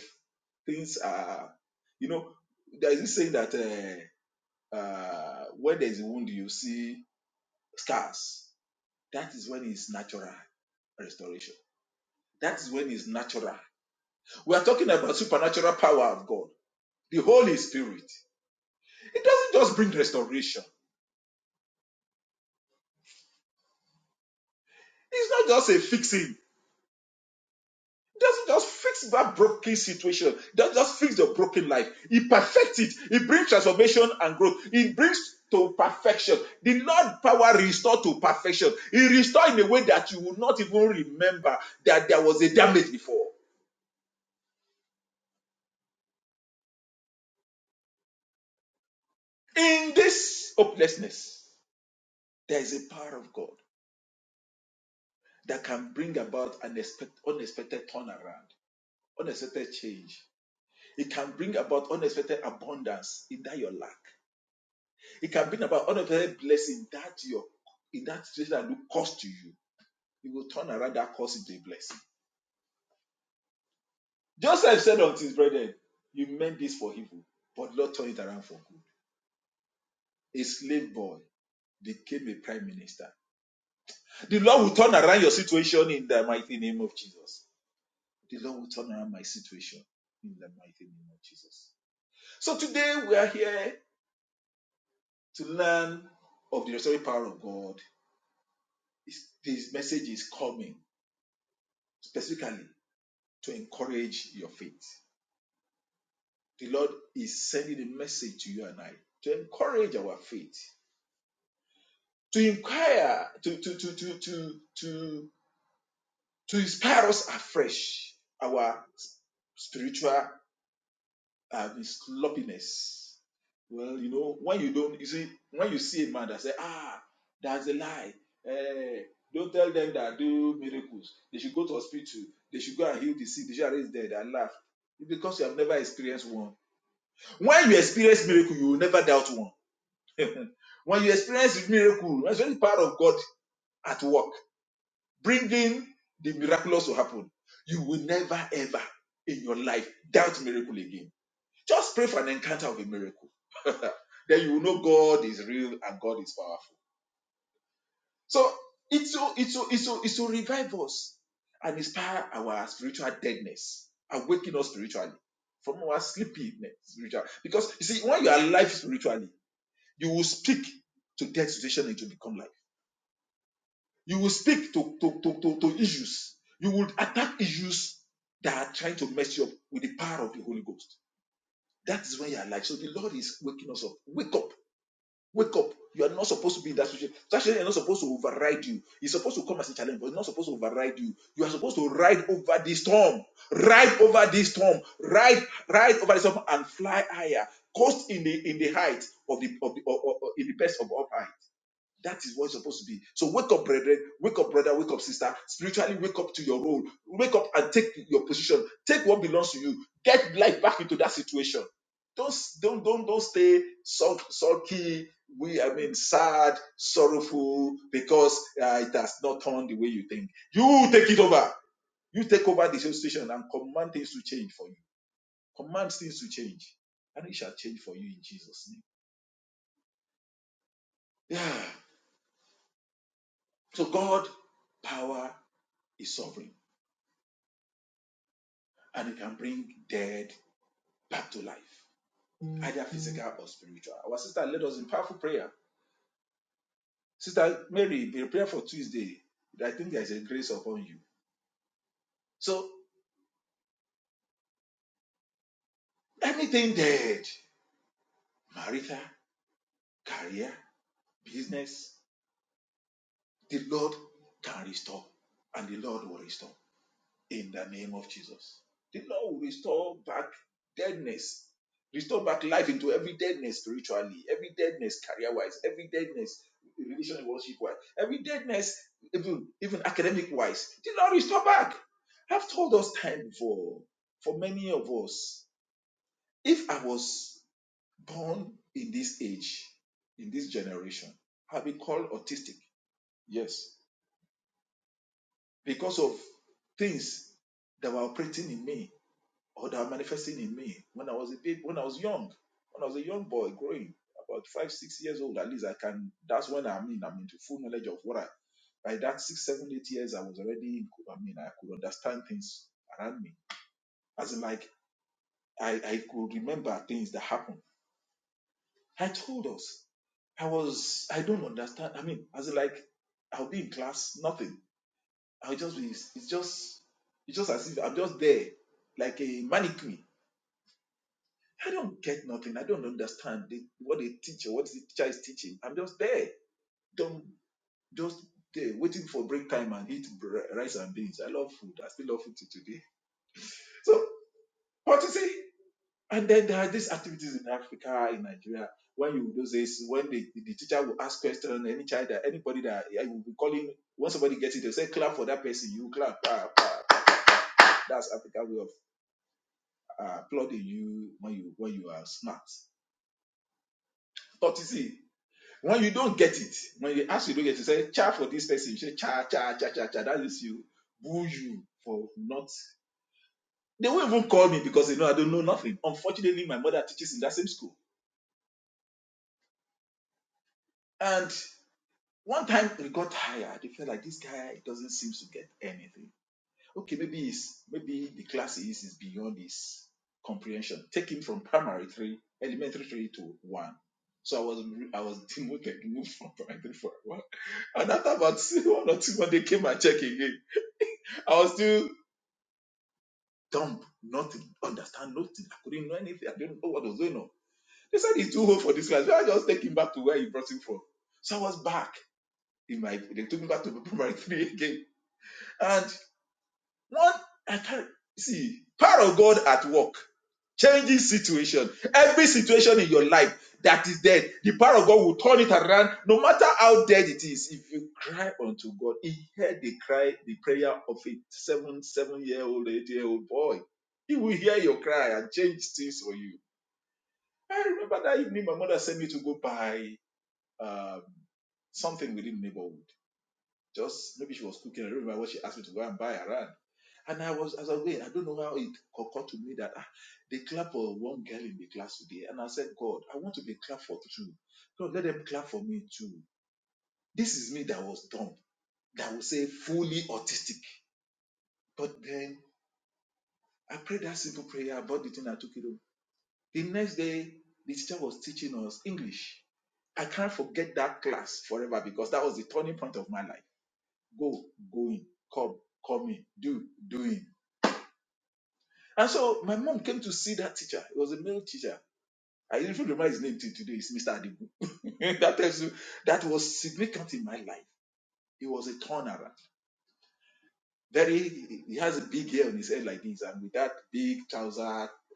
things are, you know, there is this saying that uh, uh, where there is a wound, you see scars. That is when it's natural restoration. That is when it's natural. We are talking about supernatural power of God, the Holy Spirit. It doesn't just bring restoration. It's not just a fixing. Just, just fix that broken situation. Just, just fix the broken life. He perfects it. He brings transformation and growth. He brings to perfection. The Lord power restore to perfection. He restore in a way that you will not even remember that there was a damage before. In this hopelessness, there is a power of God that can bring about an unexpected turnaround, unexpected change. It can bring about unexpected abundance in that your lack. It can bring about unexpected blessing that your in that situation that look cost to you. You will turn around that cost into a blessing. Just so today we're specifically to encourage your faith. The Lord is sending a message to you and I to encourage our faith, to inquire, to to to to to to, to inspire us afresh, our spiritual uh, sloppiness Well, you know, when you don't, you see, when you see a man that say, ah, that's a lie. Eh, don't tell them that I do miracles. They should go to hospital. They should go and heal the sick. They should raise dead and laugh. It's because you have never experienced one. When you experience miracle, you will never doubt one. When you experience miracle, that's really part of God at work, bringing the miraculous to happen. You will never ever in your life doubt miracle again. Just pray for an encounter of a miracle. Then you will know God is real and God is powerful. So it's to it's to it's to it's to revive us and inspire our spiritual deadness, awaken us spiritually from our sleepiness spiritual. Because you see, when you are alive spiritually, you will speak to dead situation and it will become life. You will speak to, to, to, to, to issues. You will attack issues that are trying to mess you up with the power of the Holy Ghost. That is when you are alive. So the Lord is waking us up. Wake up Wake up. You are not supposed to be in that situation. That situation is not supposed to override you. It's supposed to come as a challenge, but it's not supposed to override you. You are supposed to ride over this storm. Ride over this storm. Ride, ride over the storm and fly higher. Coast in the in the height of the of the or, or- or in the best of all height. That is what's supposed to be. So wake up, brethren. Wake up, brother. Wake up, sister. Spiritually, wake up to your role. Wake up and take your position. Take what belongs to you. Get life back into that situation. Don't don't don't don't stay sulk, sulky. We I mean sad, sorrowful because uh, it has not turned the way you think. You take it over. You take over the situation and command things to change for you. Command things to change, and it shall change for you in Jesus' name. Yeah. So God, power is sovereign. and the Lord will restore in the name of Jesus. The Lord will restore back deadness, restore back life into every deadness spiritually, every deadness career wise, every deadness relationship worship wise, every deadness even, even academic wise. The Lord restore back. I've told us time before, for many of us, if I was born in this age, in this generation, I'll be called These activities in Africa, in Nigeria, when you do this, when the, the teacher will ask question, any child, that anybody that I will be calling, when somebody gets it, they'll say, clap for that person, you clap. Ah, that's African way of uh, applauding you when you when you are smart. But you see, when you don't get it, when they ask you to get it, you say, cha for this person, you say, cha, cha, cha, cha, cha, that is you, boo you for not. I was still dumb, not to understand, nothing. I couldn't know anything. I didn't know what was going on. They said he's too old for this class. So I just take him back to where you brought him from. So I was back in my. They took me back to primary three again. And one, I can't see power of God at work, changing situation. Every situation in your life that is dead, the power of God will turn it around. No matter how dead it is, if you cry unto God, He heard the cry, the prayer of a seven, seven-year-old, eight-year-old boy. He will hear your cry and change things for you. I remember that evening my mother sent me to go buy um, something within the neighborhood. Just maybe she was cooking. I don't remember what she asked me to go and buy around. And I was, as I was going, I don't know how it occurred to me that ah, they clap for one girl in the class today. And I said, God, I want to be clapped for two. God, let them clap for us. I prayed to prayer, but you know, the next day, I clapped because that was the turning point. Go, going, come, coming, do, do this, Mr. Adigun. He was very, he has a big hair on his head like this. And with that big trouser,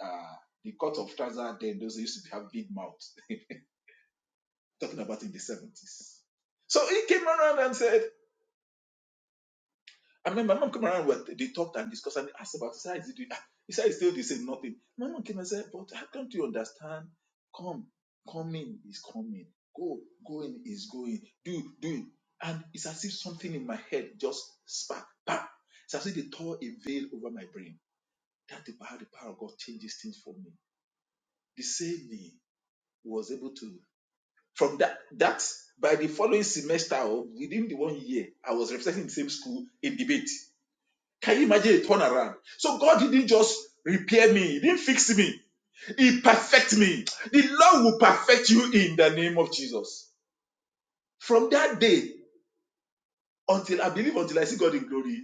uh, the cut of trouser then, those used to have big mouth. talking about in the 70s. So he came around and said, I mean, my mom came around, well, they talked and discussed and asked about his eyes. He said, it's still the same, nothing. Turn around. So God didn't just repair me, He didn't fix me, He perfect me. The Lord will perfect you in the name of Jesus. From that day until I believe, until I see God in glory,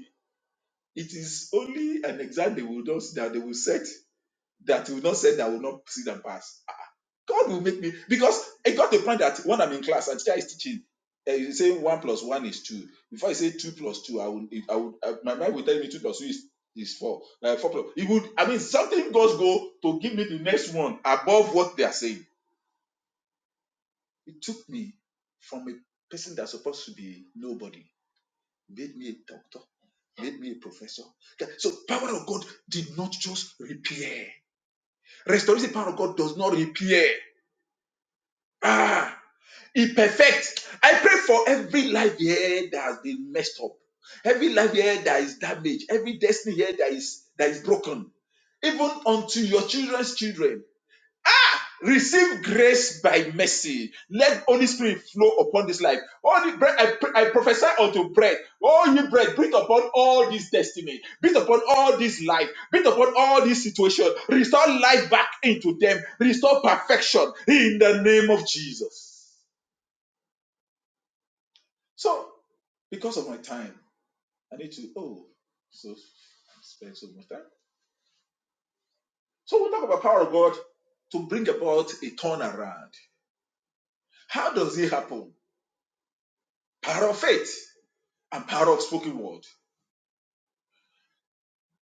it is only an exam they will not that they will set that will not set that will not see them pass. God will make me because it got to the point that when I'm in class and teacher is teaching, and he's saying one plus one is two. Before I say two plus two, I would, I would, I, my mind would tell me two plus two is is four. Like four plus, it would. I mean, something does go to give me the next one above what they are saying. It took me from a person that's supposed to be nobody, made me a doctor, made me a professor. Okay, So, power of God did not just repair. Restoration power of God does not repair. Ah. He perfects. I pray for every life here that has been messed up, every life here that is damaged, every destiny here that is that is broken, even unto your children's children. Receive grace by mercy. Let Holy Spirit flow upon this life. Holy bread, I, pr- I prophesy unto bread. Oh, you bread, breathe upon all this destiny. Breathe upon all this life. Breathe upon all this situation. Restore life back into them. Restore perfection in the name of Jesus. So because of my time. I need to, oh, so I spend so much time. So we'll talk about power of God to bring about a turnaround. How does it happen? Power of faith and power of spoken word.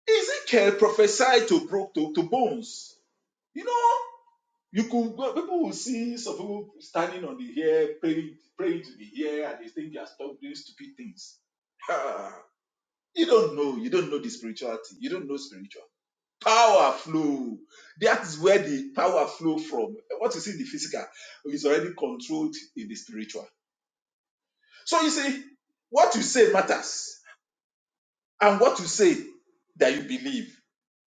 Ezekiel prophesied to broke to, to bones. You know, you could well, people will see some people standing on the air praying, praying to the air, and they think they are stop doing stupid things. you don't know, you don't know the spirituality, you don't know spirituality. Power flow. That's where the power flow from. What you see in the physical is already controlled in the spiritual. So you see, what you say matters, and what you say that you believe.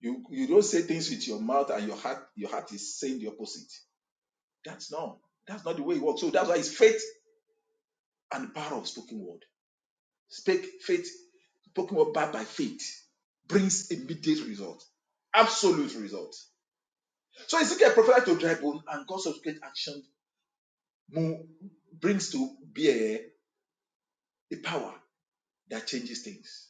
You you don't say things with your mouth and your heart. Your heart is saying the opposite. That's not that's not the way it works. So that's why it's faith and the power of spoken word. Speak faith, spoken word backed by faith brings immediate result, absolute result. So Ezekiel prophesied to dry bone, and God subsequent action mo- brings to bear the power that changes things.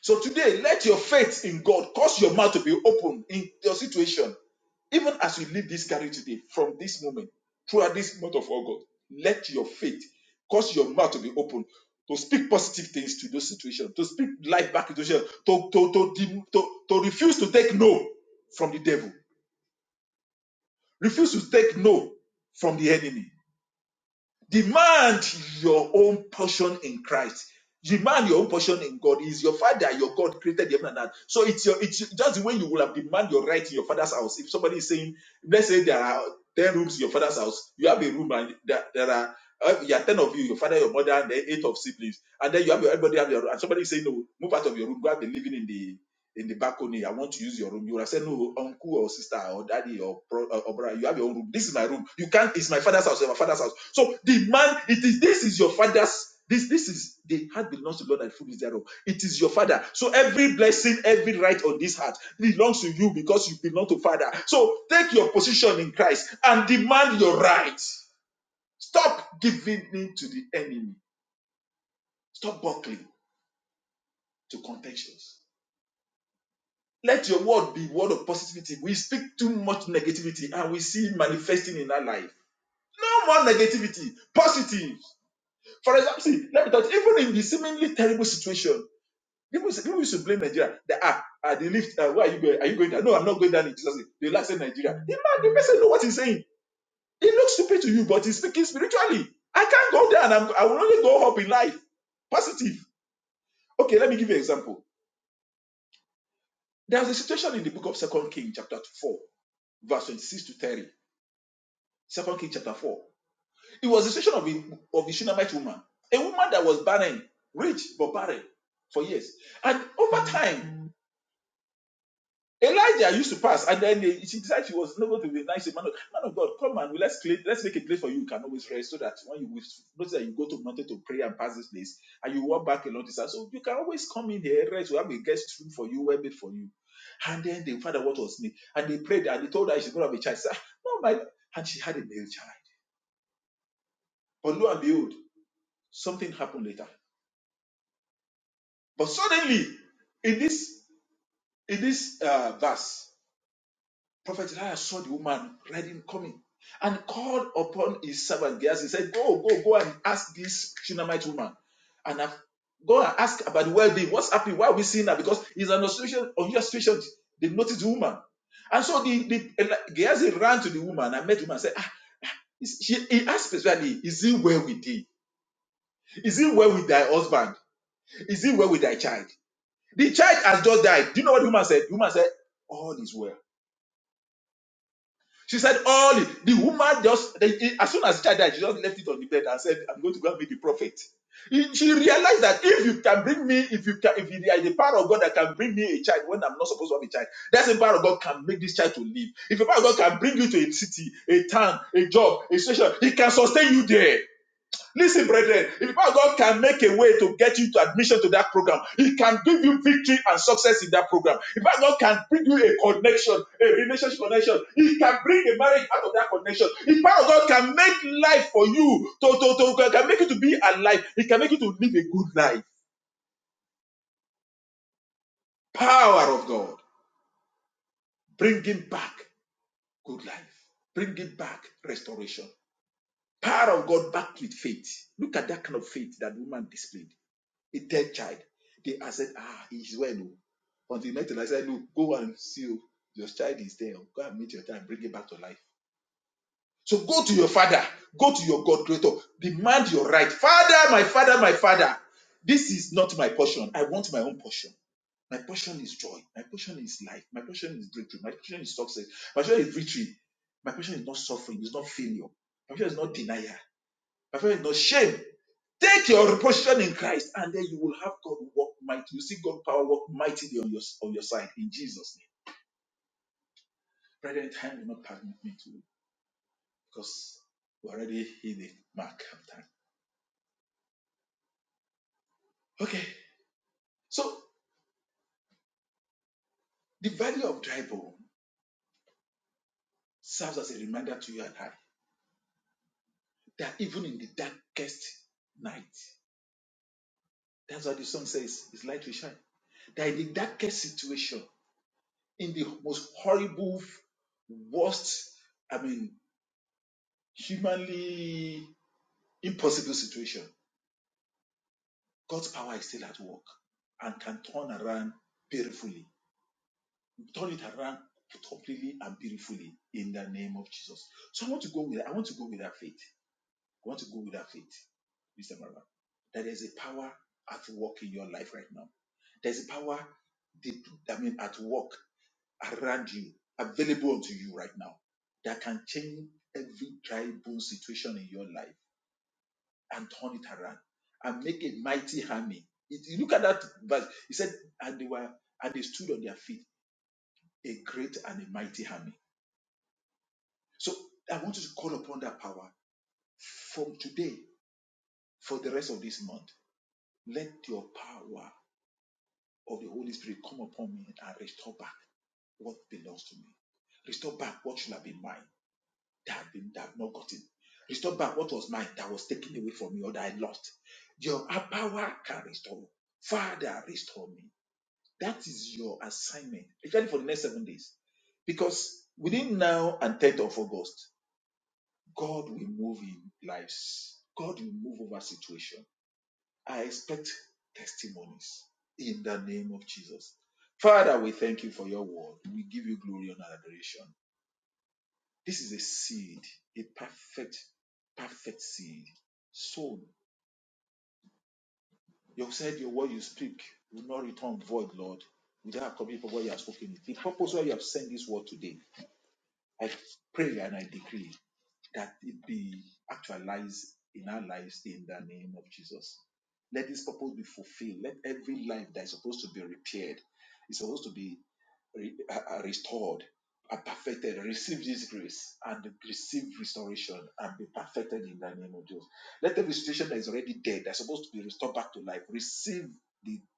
So today, let your faith in God cause your mouth to be open in your situation. Even as you leave this carriage today, from this moment, throughout this month of August, let your faith cause your mouth to be open to speak positive things to those situations, to speak life back into yourself, to, to, to, dem- to, to refuse to take no from the devil, refuse to take no from the enemy Demand your own portion in Christ. Demand your own portion in God. He is your father, your God created heaven and earth. So it's your it's just the way you will have demand your right in your father's house. If somebody is saying, let's say there are 10 rooms in your father's house, you have a room and there, there are uh, you are 10 of you, your father, your mother, and then eight of siblings, and then you have your everybody have your room, and somebody is saying, No, move out of your room, go and be living in the in the balcony. I want to use your room. You would have said, no, uncle or sister or daddy or bro, uh, or brother, you have your own room. This is my room. You can't. It's my father's house. It's my father's house. So the man, it is. This is your father's. This, this is the heart belongs to God and food is thereof. It is your father. So every blessing, every right on this heart belongs to you because you belong to father. So take your position in Christ and demand your right. Stop giving in to the enemy. Stop buckling to contentious. Let your word be word of positivity. We speak too much negativity and we see manifesting in our life. No more negativity, positive. For example, see, let me tell you, even in the seemingly terrible situation, people, say- people used to blame Nigeria. They are, are they lift, uh, where are you going? Are you going down? No, I'm not going down in Jesus' name. They like say Nigeria. The man, the person know what he's saying. It looks stupid to you, but he's speaking spiritually. I can't go down. I'm, I will only go up in life. Positive. Okay, let me give you an example. There's a situation in the book of Second Kings, chapter 4, verse 26 to 30 Second Kings chapter 4. It was the situation of the, of the Shunammite woman, a woman that was barren, rich but barren for years. And over time, Elijah used to pass, and then they- she decided she was not going to be a nice man. of- Man of God, come and let's clean, let's make a place for you. You can always rest so that when you notice that you go to mountain to pray and pass this place, and you walk back along this side, so you can always come But suddenly, in this uh, verse, Prophet Elijah saw the woman riding coming. called upon his servant Gehazi. He said, Go, go, go and ask this Shunammite woman. And I've, go and ask about the well being. What's happening? Why are we seeing that? Because it's an association, unusual situation. They noticed the woman. And so the, the Gehazi ran to the woman and met the woman and said, ah, is, she, he asked specifically, Is he well with thee? Is he well with thy husband? Is he well with thy child? The child has just died. Do you know what the woman said? The woman said, All is well. She said, all oh, the woman just the- as soon as the child died, she just left it on the bed and said, I'm going to go and meet the prophet. She realized that if you can bring me, if you can, if you are the power of God that can bring me a child when I'm not supposed to have a child, that's the power of God can make this child to live. If the power of God can bring you to a city, a town, a job, a station, He can sustain you there. Listen, brethren, if our God can make a way to get you to admission to that program, He can give you victory and success in that program. If our God can bring you a connection, a relationship connection, He can bring a marriage out of that connection. If our God can make life for you, to, to, to, can make you to be alive, He can make you to live a good life. Power of God, bring Him back good life, bring Him back restoration. Power of God back with faith. Look at that kind of faith that woman displayed. A dead child. They said, Ah, he's well. oh. Until he met Elijah, said, Look, go and see you. Your child is there. Go and meet your child and bring it back to life. So go to your father, go to your God creator, demand your right. Father, my father, my father, this is not my portion. I want my own portion. My portion is joy. My portion is life. My portion is breakthrough. My portion is success. My portion is victory. My portion is not suffering. It's not failure. My portion is not denial. My portion is not shame. Take your portion in Christ, and then you will have God work mighty. You see God power work mighty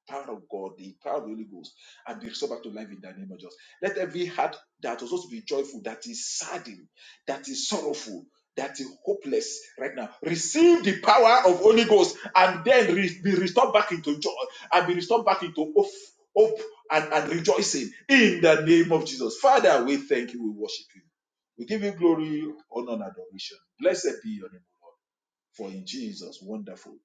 power of God, the power of the Holy Ghost, and be restored back to life in the name of Jesus. Let every heart that was supposed to be joyful, that is saddened, that is sorrowful, that is hopeless right now, receive the power of Holy Ghost and then re- be restored back into joy and be restored back into hope, hope and, and rejoicing in the name of Jesus. Father, we thank you, we worship you. We give you glory, honor, and adoration. Blessed be your name, for in Jesus' wonderful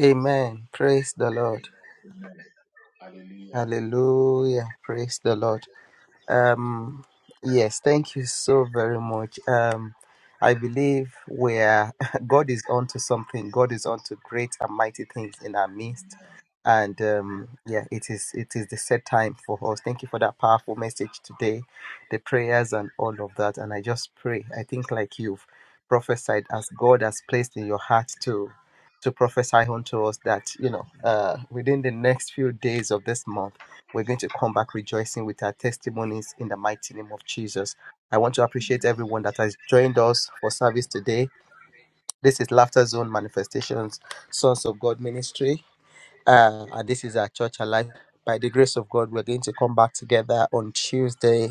Amen. Praise the Lord. Hallelujah. Praise the Lord. Um, yes, thank you so very much. Um, I believe where God is onto something, God is onto great and mighty things in our midst. And um, yeah, it is it is the set time for us. Thank you for that powerful message today, the prayers and all of that. And I just pray. I think like you've prophesied as God has placed in your heart to to prophesy unto us that you know uh, within the next few days of this month we're going to come back rejoicing with our testimonies in the mighty name of Jesus. I want to appreciate everyone that has joined us for service today. This is Laughter Zone Manifestations, Sons of God Ministry. Uh, and this is our church alive. By the grace of God, we're going to come back together on Tuesday,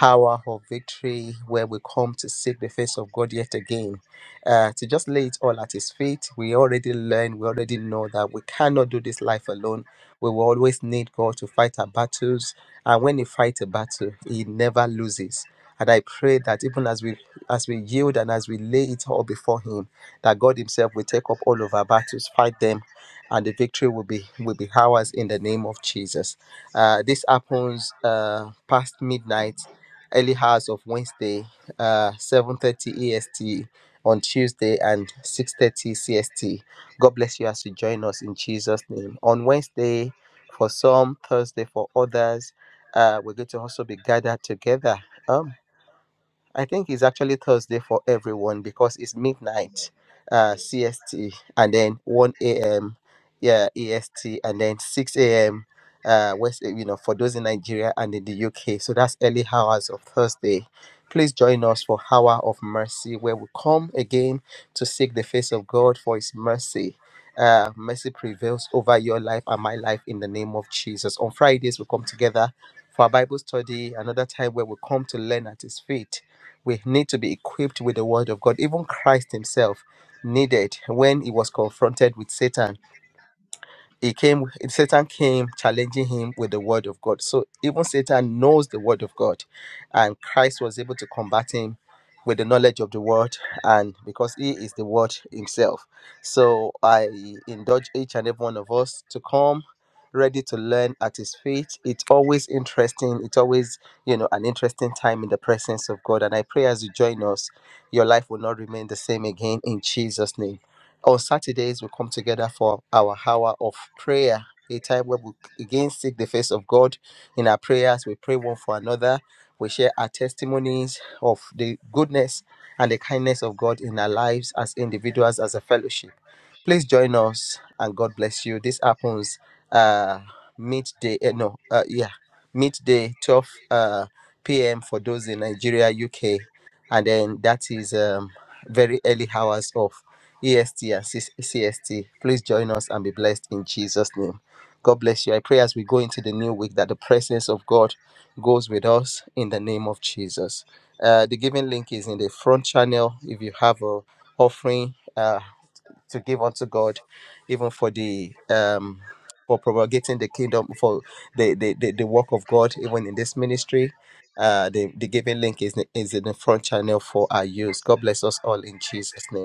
hour of victory, where we come to seek the face of God yet again. Uh, to just lay it all at His feet. We already learned, we already know that we cannot do this life alone. We will always need God to fight our battles. And when He fights a battle, He never loses. And I pray that even as we as we yield and as we lay it all before Him, that God Himself will take up all of our battles, fight them, and the victory will be will be ours in the name of Jesus. Uh, this happens uh, past midnight, early hours of Wednesday, uh, 7:30 EST on Tuesday and 6:30 CST. God bless you as you join us in Jesus' name. On Wednesday, for some, Thursday for others, uh, we're going to also be gathered together. Um. I think it's actually Thursday for everyone because it's midnight uh, CST and then 1 a.m. Yeah, EST and then 6 a.m. Uh, West, you know, for those in Nigeria and in the UK. So that's early hours of Thursday. Please join us for Hour of Mercy, where we come again to seek the face of God for His mercy. Uh, mercy prevails over your life and my life in the name of Jesus. On Fridays, we come together for our Bible study, another time where we come to learn at His feet we need to be equipped with the word of God. Even Christ himself needed when he was confronted with Satan. He came Satan came challenging him with the word of God. So even Satan knows the word of God and Christ was able to combat him with the knowledge of the word and because he is the word himself. So I indulge each and every one of us to come ready to learn at his feet. It's always interesting. It's always, you know, an interesting time in the presence of God. And I pray as you join us, your life will not remain the same again in Jesus' name. On Saturdays, we come together for our hour of prayer, a time where we again seek the face of God in our prayers. We pray one for another. We share our testimonies of the goodness and the kindness of God in our lives as individuals, as a fellowship. Please join us and God bless you. This happens uh midday eh, no uh yeah midday 12 uh p.m. for those in Nigeria, UK, and then that is um very early hours of EST and C- CST. Please join us and be blessed in Jesus' name. God bless you. I pray as we go into the new week that the presence of God goes with us in the name of Jesus. Uh, the giving link is in the front channel. If you have a offering uh, to give unto God, even for the um for propagating the kingdom for the the, the, the work of God even in this ministry. Uh, the, the giving link is, is in the front channel for our use. God bless us all in Jesus' name.